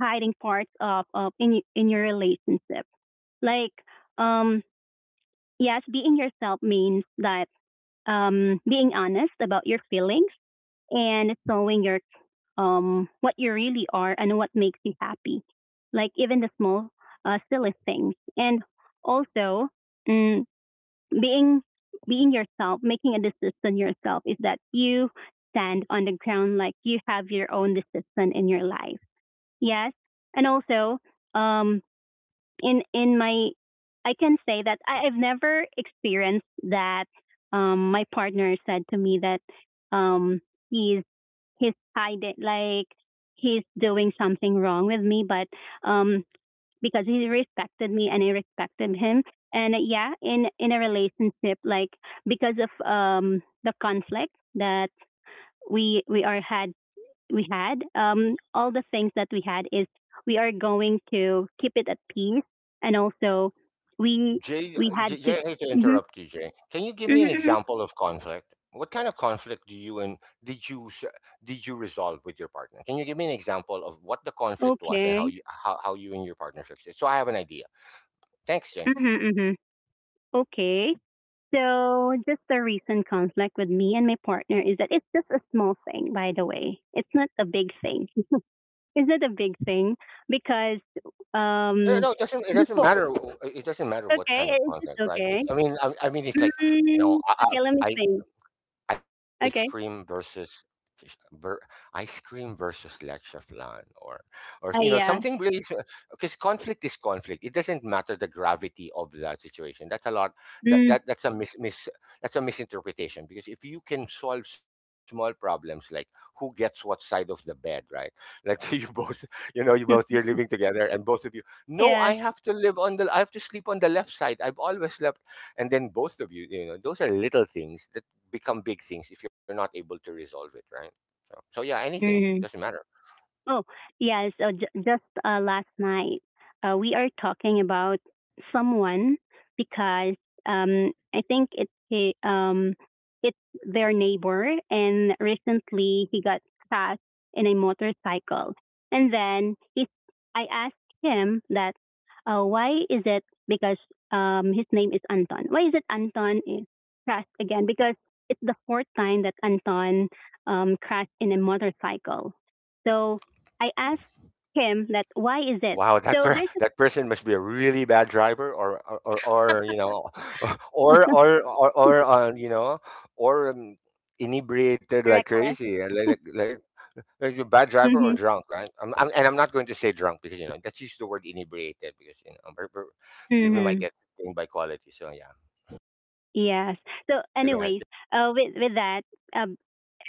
S3: hiding parts of in your relationship. Like um, yes, being yourself means that being honest about your feelings and showing your what you really are and what makes you happy, like even the small silly things, and also mm, being being yourself, making a decision yourself is that you stand on the ground like you have your own decision in your life. Yes, and also um, in my I can say that I've never experienced that. My partner said to me that um, he's he's hiding like he's doing something wrong with me, but um, because he respected me and I respected him. And yeah, in a relationship, like because of the conflict that we we are had we had, all the things that we had is we are going to keep it at peace, and also we
S2: Jay,
S3: we had
S2: Jay,
S3: to.
S2: Jay, I hate to
S3: Hmm.
S2: interrupt you, Jay. Can you give me an
S3: Hmm.
S2: example of conflict? What kind of conflict do you, and did you s- did you resolve with your partner? Can you give me an example of what the conflict was and how
S3: Okay.
S2: you, how you and your partner fixed it? So I have an idea. Thanks, Jay.
S3: Hmm. Hmm. Okay. So just the recent conflict with me and my partner is that it's just a small thing, by the way. It's not a big thing. It's not a big thing because
S2: No, no,
S3: um
S2: no, it doesn't
S3: before
S2: matter. It doesn't matter what
S3: okay
S2: kind of
S3: it's just
S2: conflict, right?
S3: okay,
S2: It, I mean, it's like, you know,
S3: okay let me
S2: I,
S3: think
S2: ice cream
S3: okay,
S2: versus, ver, ice cream versus leche flan, or, you know,
S3: ah
S2: something
S3: yes,
S2: really, because conflict is conflict, it doesn't matter the gravity of that situation. That's a lot, that
S3: mm,
S2: that's a mis, mis that's a misinterpretation. Because if you can solve small problems like who gets what side of the bed, right? Let's say you both, you know, you're living together and both of you, no, I
S3: yes.
S2: have to live on the, I have to sleep on the left side, I've always slept, and then both of you, you know, those are little things that become big things if you're not able to resolve it, right? So, so yeah, anything doesn't
S3: Mm.
S2: matter.
S3: Oh, yeah. So j- just last night, we are talking about someone because I think it's he, it's their neighbor, and recently he got crashed in a motorcycle, and then he, I asked him that, why is it because his name is Anton? Why is it Anton is crashed again? Because it's the fourth time that Anton crashed in a motorcycle. So I asked him that why is it?
S2: Wow,
S3: So there's
S2: that person must be a really bad driver, or you know,
S3: a
S2: or you know, or inebriated like
S3: reckless.
S2: crazy, like a bad driver or
S3: Mhm.
S2: drunk, right? And I'm not going to say drunk because, you know, that's, used the word inebriated, because, you know, we're, we might
S3: Mhm.
S2: get thing by quality. So yeah.
S3: Yes. So
S2: So go ahead.
S3: anyways, with that, um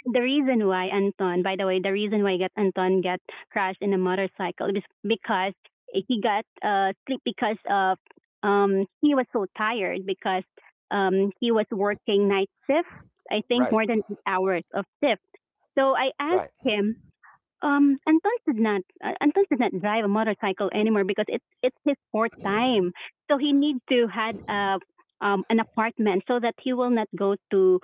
S3: the reason why Anton, by the way, the reason why got Anton got crashed in a motorcycle is because he got sleep because of he was so tired because he was
S2: Oh,
S3: working night shift, I think
S2: right,
S3: more than 8 hours of shift. So I
S2: right.
S3: asked him, um, Anton did not. Anton did not drive a motorcycle anymore because it's his fourth time. So he needs to had a an apartment so that he will not go to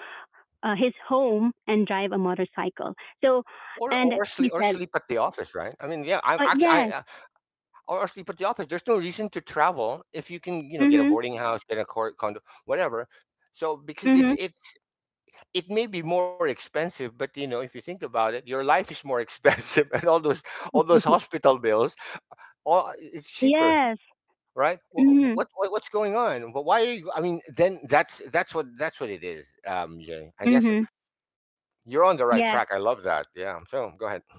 S3: his home and drive a motorcycle. So,
S2: Or sleep,
S3: and
S2: or sleep
S3: he
S2: at
S3: said,
S2: the office, right? I mean, yeah. I'm actually I
S3: "Yes,
S2: or sleep at the office. There's no reason to travel if you can, you know, get a
S3: mhm,
S2: boarding house, get a court condo, whatever. So because
S3: mhm,
S2: it's, it may be more expensive, but you know, if you think about it, your life is more expensive, and all those, all those hospital bills, all, it's cheaper,
S3: yes,
S2: right?
S3: mhm,
S2: What's going on? Why? Are you, I mean, then that's what, that's what it is. Jay, I guess
S3: mhm,
S2: you're on the right
S3: yes,
S2: track. I love that. Yeah. So go ahead.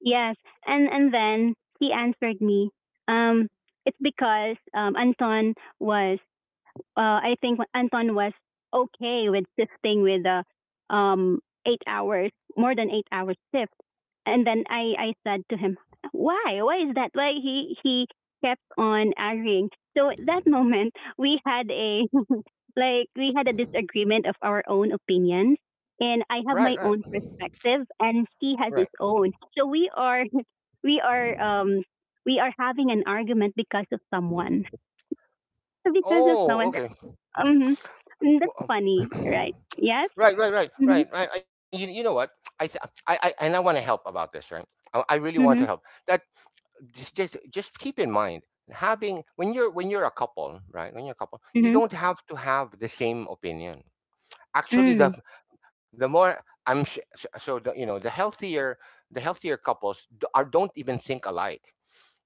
S3: yes." And then he answered me, um, "It's because Anton was I think Anton was okay with shifting with the um, 8 hours, more than 8 hours shift. And then I said to him, why? Why is that? Why he kept on arguing. So at that moment, we had a, like, we had a disagreement of our own opinions. And I
S2: Right.
S3: have
S2: Right.
S3: my own perspective and he has
S2: Right.
S3: his own. So we are, um, we are having an argument because of someone. Because of
S2: Oh,
S3: someone.
S2: okay.
S3: Mhm. Mm, that's
S2: Well,
S3: funny, right? Yes?
S2: Right, right, right,
S3: Mhm.
S2: right, right. And you know what? I, th- I, and I want to help about this, right? I really want to help.
S3: Mhm.
S2: That, just keep in mind, having when you're, when you're a couple, right? When you're a couple, you
S3: Mhm.
S2: don't have to have the same opinion. Actually,
S3: Mm,
S2: the more so so the, you know, the healthier couples are don't even think alike,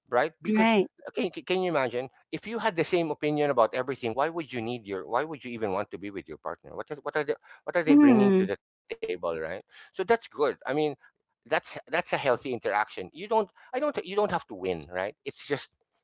S2: right? Because
S3: right.
S2: can you imagine if you had the same opinion about everything? Why would you need your? Why would you even want to be with your partner? What are the, what are they bringing to
S3: Mm.
S2: the table, right? So that's good. I mean, that's a healthy interaction. You don't have to win, right? It's just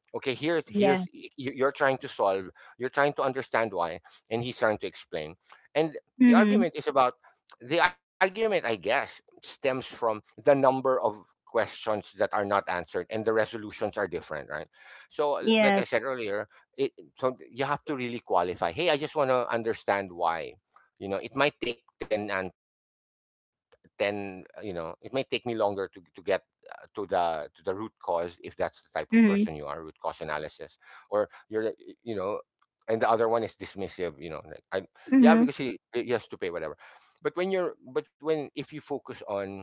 S2: okay, here's
S3: Yeah.
S2: you're trying to solve, you're trying to understand why, and he's trying to explain. And the
S3: Mhm.
S2: argument is about, the argument I guess stems from the number of questions that are not answered and the resolutions are different, right? So like I
S3: Yes.
S2: said earlier, it so you have to really qualify, hey, I just want to understand why. You know, it might take 10 answers. Then you know, it may take me longer to get to the root cause, if that's the type of person you are, root
S3: Mhm.
S2: cause analysis. Or you're you know, and the other one is dismissive, you know, like I, yeah, because
S3: Mhm.
S2: he has to pay whatever. But when, if you focus on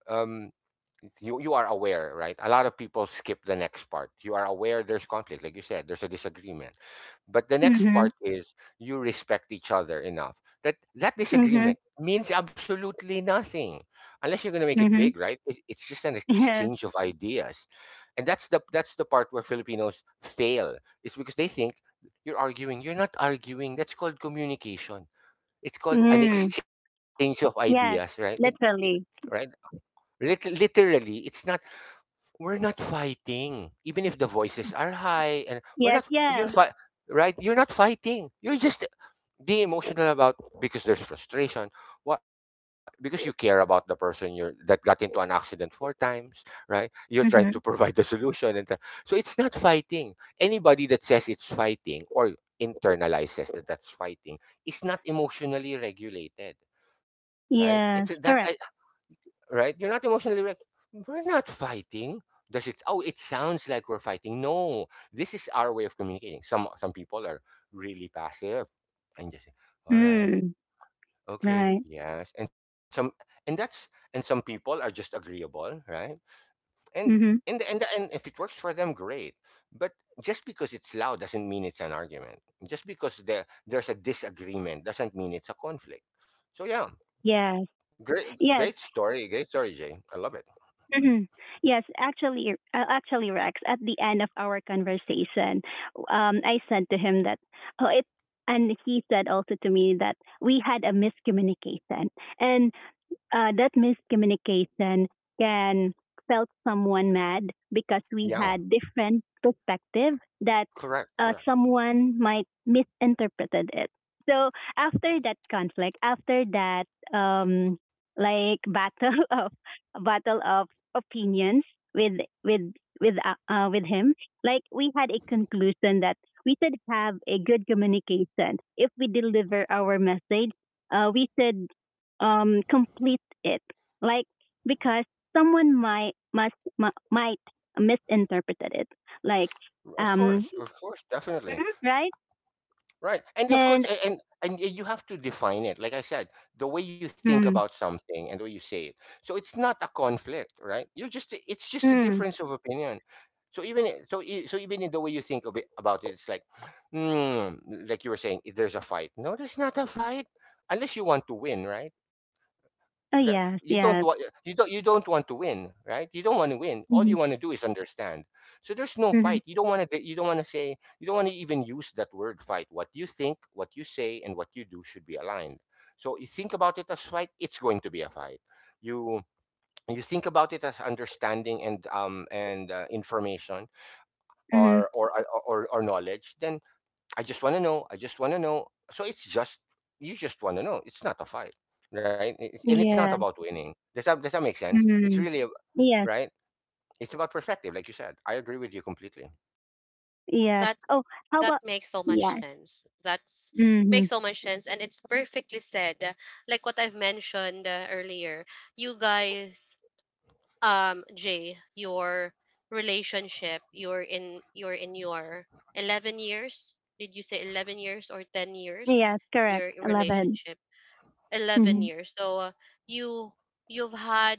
S2: um you, you are aware, right? A lot of people skip the next part. You are aware there's conflict, like you said, there's a disagreement. But the next
S3: Mhm.
S2: part is you respect each other enough that that
S3: Mhm.
S2: disagreement means absolutely nothing unless you're going to make it big,
S3: Mhm.
S2: right? It's just an
S3: Yes.
S2: exchange of ideas. And that's the part where Filipinos fail. It's because they think you're arguing. You're not arguing. That's called communication. It's called an
S3: Mm.
S2: exchange of ideas, right?
S3: Yes.
S2: Right?
S3: Literally.
S2: Literally, it's not, we're not fighting, even if the voices are high, and we're not,
S3: Yes, yes.
S2: right, you're not fighting, you're just being emotional about, because there's frustration, what, because you care about the person, you're that got into an accident four times, right? You're trying to provide
S3: Mhm.
S2: a solution, and so it's not fighting. Anybody that says it's fighting or internalizes that that's fighting is not emotionally regulated, right? it's that
S3: Yes, correct.
S2: Right? You're not emotionally wrecked. We're not fighting. Does it? Oh, it sounds like we're fighting. No, this is our way of communicating. Some people are really passive and just all right,
S3: Mm.
S2: okay,
S3: Right.
S2: yes, and some, and some people are just agreeable, right? And
S3: Mhm.
S2: and if it works for them, great. But just because it's loud doesn't mean it's an argument. Just because there's a disagreement doesn't mean it's a conflict. So yeah,
S3: Yes.
S2: great,
S3: Yes.
S2: great story, Jay. I love it.
S3: Hmm. Yes, actually, actually, Rex. At the end of our conversation, I said to him that oh, it, and he said also to me that we had a miscommunication, and that miscommunication can felt someone mad because we
S2: Yeah,
S3: had different perspective that
S2: correct,
S3: someone might misinterpreted it. So after that conflict, after that um, like battle of battle of opinions with with with him, like we had a conclusion that we should have a good communication. If we deliver our message, we should complete it like because someone might misinterpreted it like,
S2: of
S3: um,
S2: course, definitely.
S3: right.
S2: Right. And of course,
S3: And
S2: you have to define it. Like I said, the way you think about
S3: mm,
S2: something and the way you say it. So it's not a conflict, right? You're just, it's just a
S3: mm,
S2: difference of opinion. So even even in the way you think of it, about it, it's like, mm, like you were saying, if there's a fight. No, there's not a fight unless you want to win, right?
S3: oh
S2: that
S3: yes
S2: you don't
S3: yes,
S2: want you don't You don't want to win, right? you don't want to win All
S3: mm-hmm,
S2: you want to do is understand. So there's no
S3: mm-hmm,
S2: fight. You don't want to say, you don't want to even use that word fight. What you think, what you say, and what you do should be aligned. So you think about it as fight, it's going to be a fight. you you think about it as understanding and information
S3: mm-hmm,
S2: or knowledge. Then I just want to know. I just want to know. So it's just, you just want to know. It's not a fight, right? And it's not
S3: yes,
S2: about winning. Does that make sense? It's
S3: mm-hmm,
S2: really a,
S3: yes
S2: right. It's about perspective, like you said. I agree with you completely.
S3: yes,
S1: That's
S3: oh how
S1: that
S3: about,
S1: makes so much
S3: yes,
S1: sense. That's
S3: mm-hmm,
S1: makes so much sense, and it's perfectly said. Like what I've mentioned earlier, you guys, Jay, your relationship, you're in your 11 years. Did you say 11 years or 10 years?
S3: yes correct
S1: Your
S3: I love it,
S1: relationship, eleven
S3: mm-hmm,
S1: years. So you, you've had,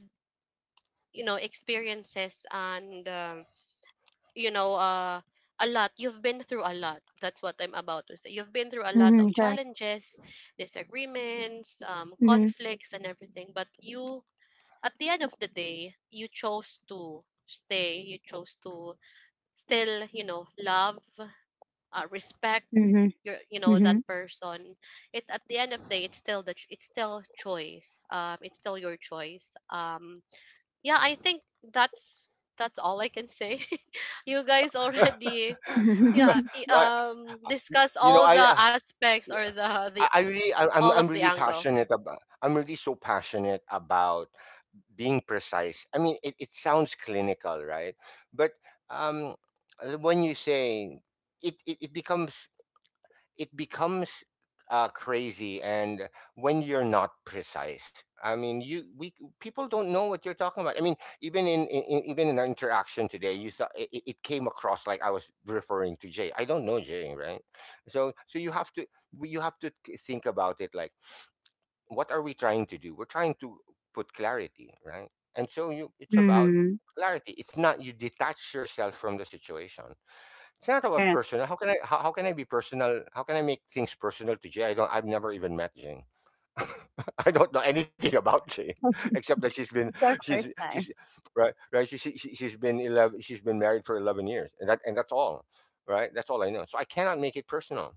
S1: you know, experiences, and you know, a lot. You've been through a lot, that's what I'm about to say. You've been through a lot
S3: mm-hmm,
S1: of
S3: correct,
S1: challenges, disagreements,
S3: mm-hmm,
S1: conflicts and everything. But you, at the end of the day, you chose to stay, you chose to still, you know, love, respect
S3: mm-hmm,
S1: your, you know,
S3: mm-hmm,
S1: that person. It At the end of the day, it's still choice, it's still your choice. Yeah, I think that's that's all I can say. You guys already, yeah
S2: But,
S1: discuss
S2: you know,
S1: all
S2: I
S1: the aspects or the, the
S2: I really I'm,
S1: all of the
S2: really
S1: angle.
S2: passionate about, I'm really so passionate about being precise. I mean, it sounds clinical, right? But um, when you say it, it becomes, it becomes crazy. And when you're not precise, I mean, you we, people don't know what you're talking about. I mean, even in, even in our interaction today, you thought it it came across like I was referring to Jay. I don't know Jay, right? So you have to, you have to think about it, like, what are we trying to do? We're trying to put clarity, right? And so you, it's about
S3: mm-hmm,
S2: clarity. It's not, you detach yourself from the situation. It's not about
S3: correct,
S2: personal. How can I, how can I be personal? How can I make things personal to Jay? I've never even met Jane. I don't know anything about Jane except that she's been,
S3: it's our
S2: she's
S3: first
S2: she's
S3: time,
S2: right, she, she's been 11, she's been married for 11 years, and that's all. Right, that's all I know, so I cannot make it personal.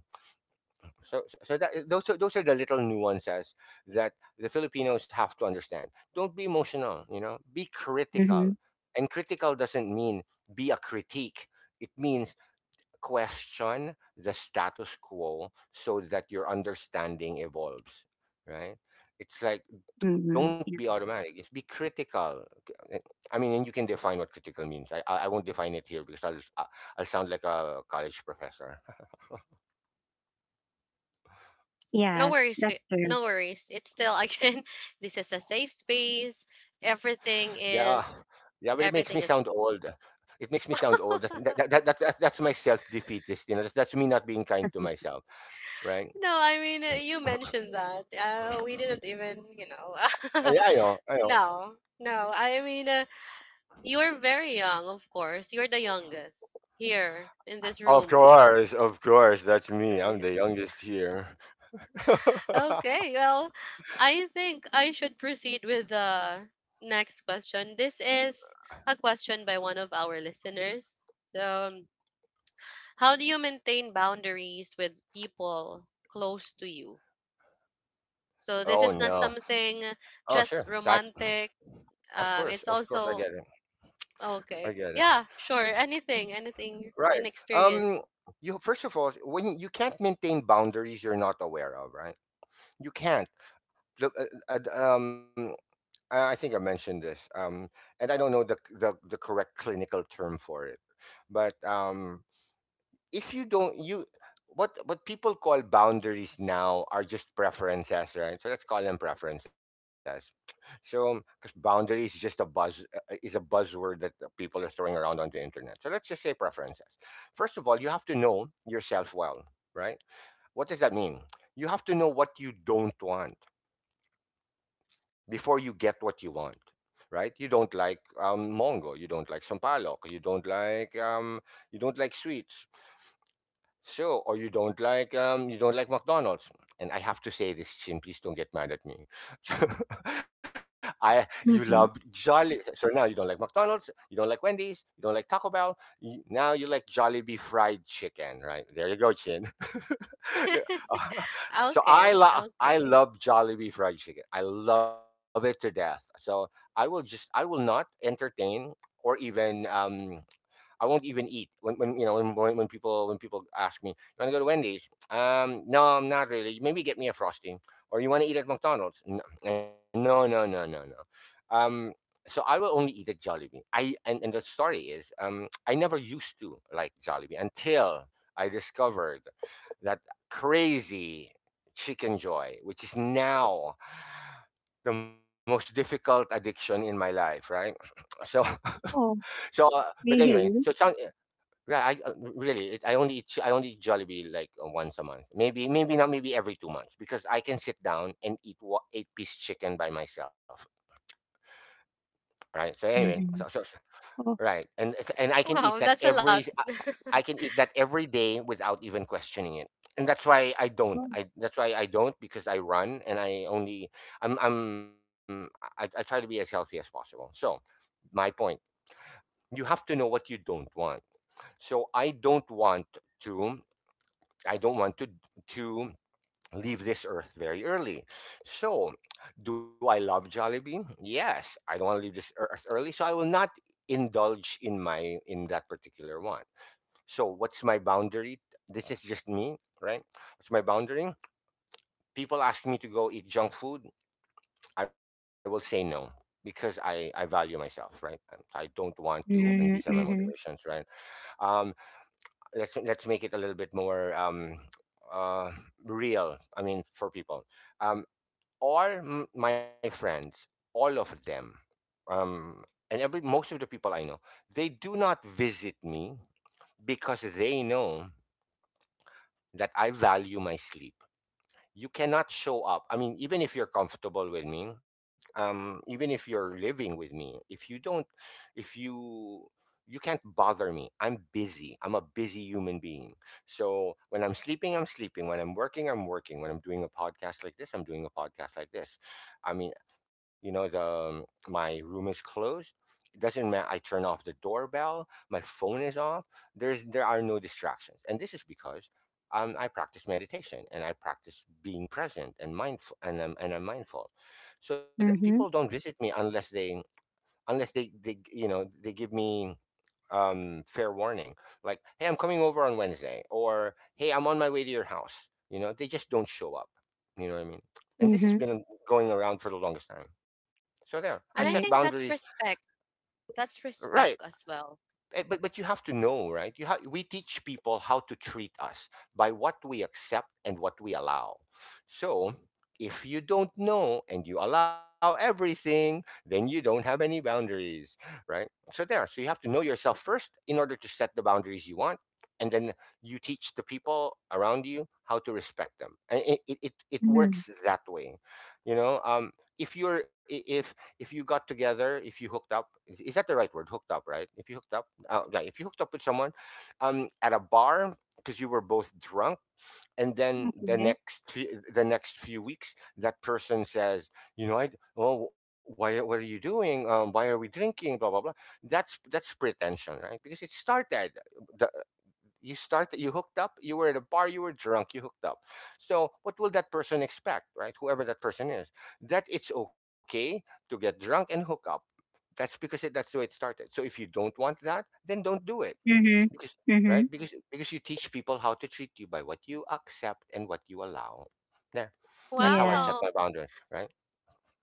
S2: So that those are the little nuances that the Filipinos have to understand. Don't be emotional, you know, be critical.
S3: mm-hmm.
S2: And critical doesn't mean be a critique. It means question the status quo so that your understanding evolves, right? It's like, don't be
S3: Mhm. Yeah.
S2: automatic, just be critical. Eh, I mean, and you can define what critical means. I won't define it here because I'll sound like a college professor.
S1: no
S3: Yes,
S1: worries
S3: that's
S1: ki-
S3: true.
S1: no worries, it's still, again, this is a safe space everything
S2: Yeah,
S1: is
S2: yeah, but it makes me
S1: everything
S2: sound
S1: is
S2: old. It makes me sound old. That's that's my self-defeatist, you know, that's, me not being kind to myself, right.
S1: No, I mean, you mentioned that. We didn't even, you know.
S2: Yeah, I know.
S1: No, no. I mean, you're very young, of course. You're the youngest here in this
S2: Of
S1: room,
S2: course, that's me, I'm
S1: right?
S2: the youngest here.
S1: Okay, well, I think I should proceed with the next question. This is a question by one of our listeners. So, um, how do you maintain boundaries with people close to you? So, this
S2: Oh
S1: is not
S2: no.
S1: something
S2: Oh sure.
S1: just
S2: That's
S1: romantic.
S2: of course,
S1: It's
S2: I get
S1: also
S2: it. I
S1: okay.
S2: get it.
S1: Yeah, sure. Anything, anything,
S2: Right.
S1: an
S2: Um.
S1: experience.
S2: You, first of all, when you can't maintain boundaries, you're not aware of, right? You can't. Look. Um. I think I mentioned this. And I don't know the the correct clinical term for it, but if you don't you what people call boundaries now are just preferences, right? So let's call them preferences. So 'cause boundary is just a buzz, is a buzzword that people are throwing around on the internet, so let's just say preferences. First of all, you have to know yourself well, right? What does that mean? You have to know what you don't want before you get what you want, right? You don't like mongo, you don't like sampalok, you don't like sweets. So, or you don't like McDonald's, and I have to say this, Chin, please don't get mad at me. So, I you
S3: Mhm.
S2: love Jolly, so now you don't like McDonald's, you don't like Wendy's, you don't like Taco Bell. Now you like Jollibee fried chicken, right? There you go, Chin. So I
S1: Okay,
S2: love,
S1: okay.
S2: Jollibee fried chicken. I love it to death. So I will not entertain or even I won't even eat when, when people, ask me, "You want to go to Wendy's?" No, I'm not really. Maybe get me a frosty, or you want to eat at McDonald's? No, no, no, no, no. Um, so I will only eat at Jollibee. I And, the story is, I never used to like Jollibee until I discovered that crazy chicken joy, which is now the most difficult addiction in my life. Right? So,
S3: Oh,
S2: so, but anyway, so it sounds,
S3: really?
S2: yeah, I really. I only eat, I only eat Jollibee like once a month. Maybe, maybe not. Maybe every 2 months, because I can sit down and eat eight-piece chicken by myself. Right. So anyway,
S3: Mhm. Oh,
S2: right, and I can eat that
S1: Wow, that's a
S2: every.
S1: lot.
S2: I can eat that every day without even questioning it, and that's why I don't.
S3: wow.
S2: I That's why I don't, because I run and I only. I try to be as healthy as possible. So my point. You have to know what you don't want. So I don't want to. I don't want to to leave this earth very early. So, do I love Jollibee? Yes, I don't want to leave this earth early, so I will not indulge in my in that particular one. So, what's my boundary? This is just me, right? What's my boundary? People ask me to go eat junk food, I will say no because I value myself, right? And I don't want to, and these are
S3: Mhm.
S2: my
S3: Mhm.
S2: motivations, right? Um, let's make it a little bit more uh real. I mean for people, um my friends, all of them. um and every most of the people I know, they do not visit me because they know that I value my sleep. You cannot show up. I mean, even if you're comfortable with me, even if you're living with me, if you don't, if you you can't bother me. I'm busy. I'm a busy human being. So when I'm sleeping, I'm sleeping. When I'm working, I'm working. When I'm doing a podcast like this, I'm doing a podcast like this. I mean, you know, the my room is closed. It doesn't matter. I turn off the doorbell. My phone is off. There are no distractions, and this is because I practice meditation and I practice being present and mindful, and I'm mindful. So that people
S3: Mhm.
S2: don't visit me unless they they give me fair warning, like, hey, I'm coming over on Wednesday, or hey, I'm on my way to your house. You know, they just don't show up. You know what I mean? And this has
S3: Mhm.
S2: been going around for the longest time. So there, I
S1: And
S2: set
S1: I think
S3: Right.
S2: boundaries.
S1: that's respect. That's
S2: Right.
S1: respect as well.
S2: Eh, but you have to know, right? You have we teach people how to treat us by what we accept and what we allow. So if you don't know and you allow everything, then you don't have any boundaries, right? So there. So you have to know yourself first in order to set the boundaries you want, and then you teach the people around you how to respect them, and it
S3: Mhm.
S2: works that way, you know. If you got together, if you hooked up, is that the right word? Hooked up, right? If you hooked up, yeah, if you hooked up with someone at a bar because you were both drunk, and then
S3: Okay.
S2: the next few weeks, that person says, you know, I oh, why what are you doing? Why are we drinking? Blah blah blah. That's pretension, right? Because it started. The, you started, you hooked up, you were at a bar, you were drunk, you hooked up. So, what will that person expect, right? Whoever that person is, that it's okay to get drunk and hook up. That's the way it started. So, if you don't want that, then don't do it.
S3: Mhm.
S2: Because, right?
S3: Mhm.
S2: Because you teach people how to treat you by what you accept and what you allow. There. That's how I
S3: Yeah.
S2: set
S1: Wow.
S2: my boundary, right?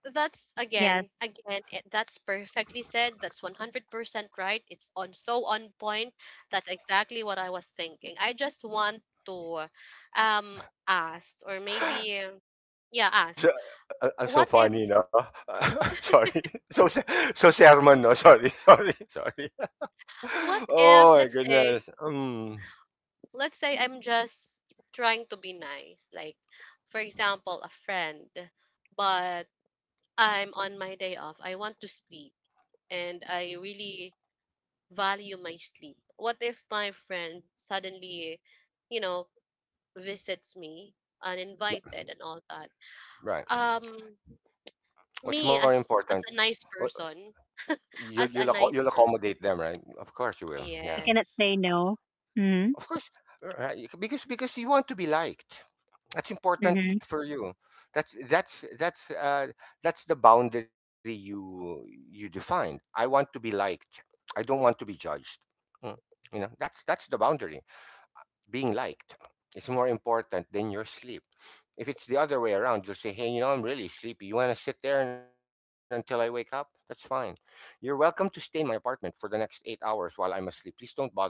S1: That's
S3: Yes.
S1: again, again, it, that's perfectly said. That's 100% right. It's on, so on point. That's exactly what I was thinking. I just want to um ask, or maybe yeah,
S2: I'm
S1: ask.
S2: so I'm
S1: What
S2: so funny,
S1: if
S2: no? sorry. So se- so sermon, no? Sorry, sorry, sorry.
S1: What if
S2: oh my
S1: let's say,
S2: goodness.
S1: let's say I'm just trying to be nice, like for example, a friend, but I'm on my day off. I want to sleep and I really value my sleep. What if my friend suddenly, you know, visits me uninvited and all that?
S2: Right.
S1: Um,
S2: What's
S1: me
S2: more
S1: as
S2: important?
S1: a nice
S2: What-
S1: person,
S2: You'll
S1: as a nice
S2: you'll
S1: person.
S2: accommodate them, right? Of course you will.
S3: You
S2: Yeah.
S3: cannot
S1: Yes.
S3: say no. Mhm.
S2: Of course, right? Because you want to be liked. That's important
S3: Mhm.
S2: for you. That's that's that's uh, that's the boundary you defined. I want to be liked. I don't want to be judged. Mm, you know, that's the boundary. Being liked is more important than your sleep. If it's the other way around, you'll say, hey, you know, I'm really sleepy. You want to sit there until I wake up? That's fine. You're welcome to stay in my apartment for the next 8 hours while I'm asleep. Please don't bother me.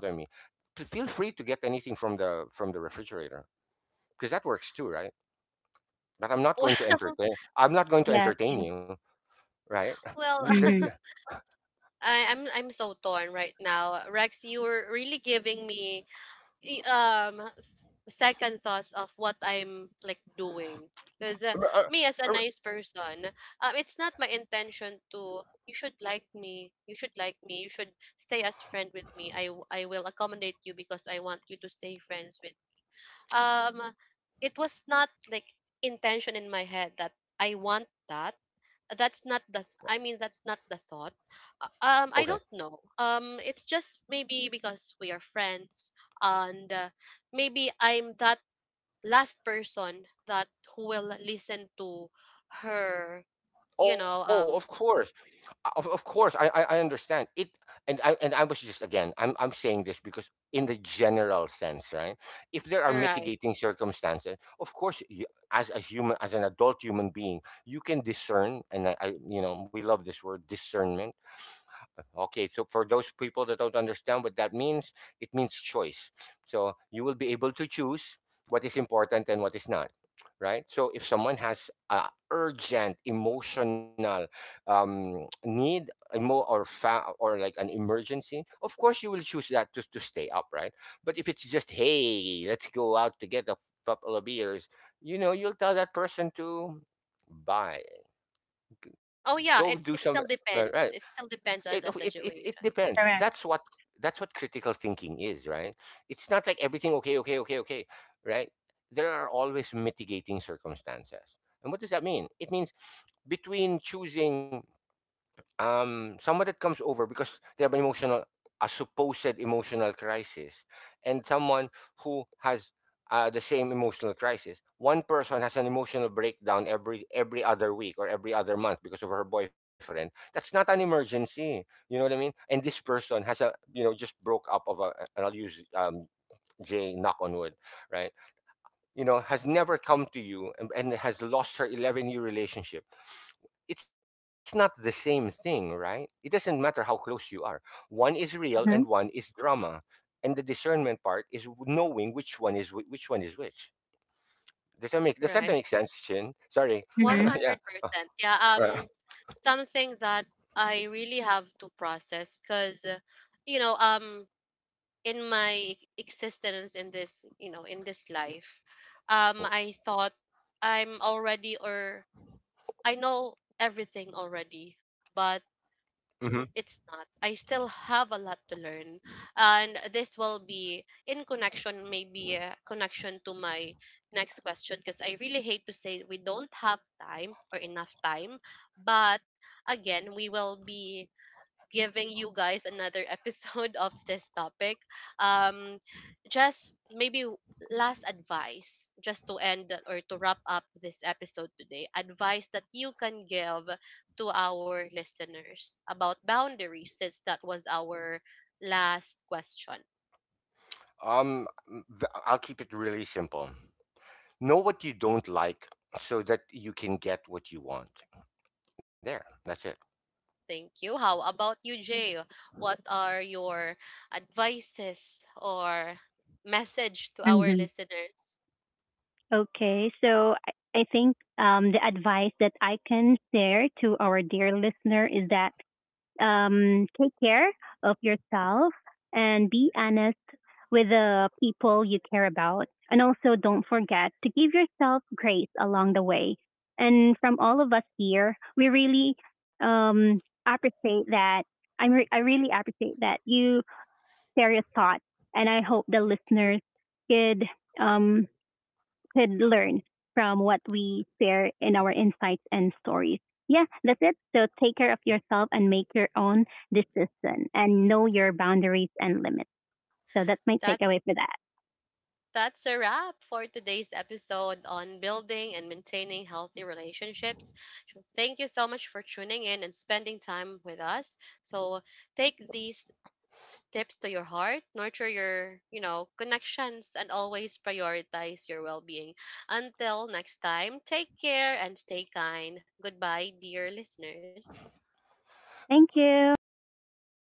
S2: Feel free to get anything from the refrigerator, because that works too, right? But I'm not going to entertain. I'm not going to
S3: Yes.
S2: entertain
S3: Yes.
S2: you, right?
S1: Well,
S2: There's- yeah.
S3: Mhm.
S1: I'm so torn right now. Rex, you were really giving me i- um s- second thoughts of what I'm like doing. Because me as a nice person, it's not my intention to. You should like me. You should like me. You should stay as friend with me. I will accommodate you because I want you to stay friends with. Um, it was not like intention in my head that I want that. That's not the that's not the thought.
S2: Okay.
S1: I don't know, it's just maybe because we are friends, and maybe I'm that last person that who will listen to her, you
S2: Oh, of
S1: know,
S2: course. Of course I understand it, and I was just, again, I'm saying this because, in the general sense, right? If there are
S1: right.
S2: mitigating circumstances, of course you, as a human, as an adult human being, you can discern, and I, you know, we love this word, discernment. Okay, so for those people that don't understand what that means, it means choice. So you will be able to choose what is important and what is not, right? So if someone has a urgent emotional need, or like an emergency, of course you will choose that just to stay up, right? But if it's just, hey, let's go out to get a couple of beers, you know, you'll tell that person to buy,
S1: Oh
S2: go
S1: yeah,
S2: do some. Right,
S1: it still
S2: it
S1: depends on
S2: it
S1: the
S2: it, it
S1: situation,
S2: depends.
S3: Correct.
S2: That's what critical thinking is, right? It's not like everything okay okay okay okay, right? There are always mitigating circumstances. And what does that mean? It means, between choosing someone that comes over because they have an emotional, a supposed emotional crisis, and someone who has the same emotional crisis. One person has an emotional breakdown every other week or every other month because of her boyfriend. That's not an emergency. You know what I mean? And this person has a, you know, just broke up of a, and I'll use Jay, knock on wood, right? You know, has never come to you, and has lost her 11-year year relationship. It's not the same thing, right? It doesn't matter how close you are. One is real and one
S3: Mhm.
S2: is drama. And the discernment part is knowing which one is which one is which. Does that
S1: right.
S2: make sense, Chin? Sorry.
S3: Mhm.
S2: yeah. Uh,
S1: 100%, yeah, something that I really have to process because, you know, in my existence in this, you know, in this life, I thought I'm already, or I know everything already, but
S2: mhm.
S1: it's not, I still have a lot to learn. And this will be in connection, maybe a connection to my next question, because I really hate to say we don't have time or enough time. But again, we will be giving you guys another episode of this topic. Um, just maybe last advice, just to end or to wrap up this episode today, advice that you can give to our listeners about boundaries, since that was our last question.
S2: I'll keep it really simple. Know what you don't like so that you can get what you want. There. That's it.
S1: Thank you. How about you, Jay? What are your advices or message to our
S3: Mm-hmm.
S1: listeners?
S3: Okay, so I think the advice that I can share to our dear listener is that take care of yourself and be honest with the people you care about. And also don't forget to give yourself grace along the way. And from all of us here, we really um, appreciate that. I really appreciate that you share your thoughts. And I hope the listeners could um, could learn from what we share in our insights and stories. Yeah, that's it. So take care of yourself and make your own decision and know your boundaries and limits. So that's my takeaway for that.
S1: That's a wrap for today's episode on building and maintaining healthy relationships. So thank you so much for tuning in and spending time with us. So take these tips to your heart, nurture your, you know, connections, and always prioritize your well-being. Until next time, take care and stay kind. Goodbye, dear listeners.
S3: Thank you and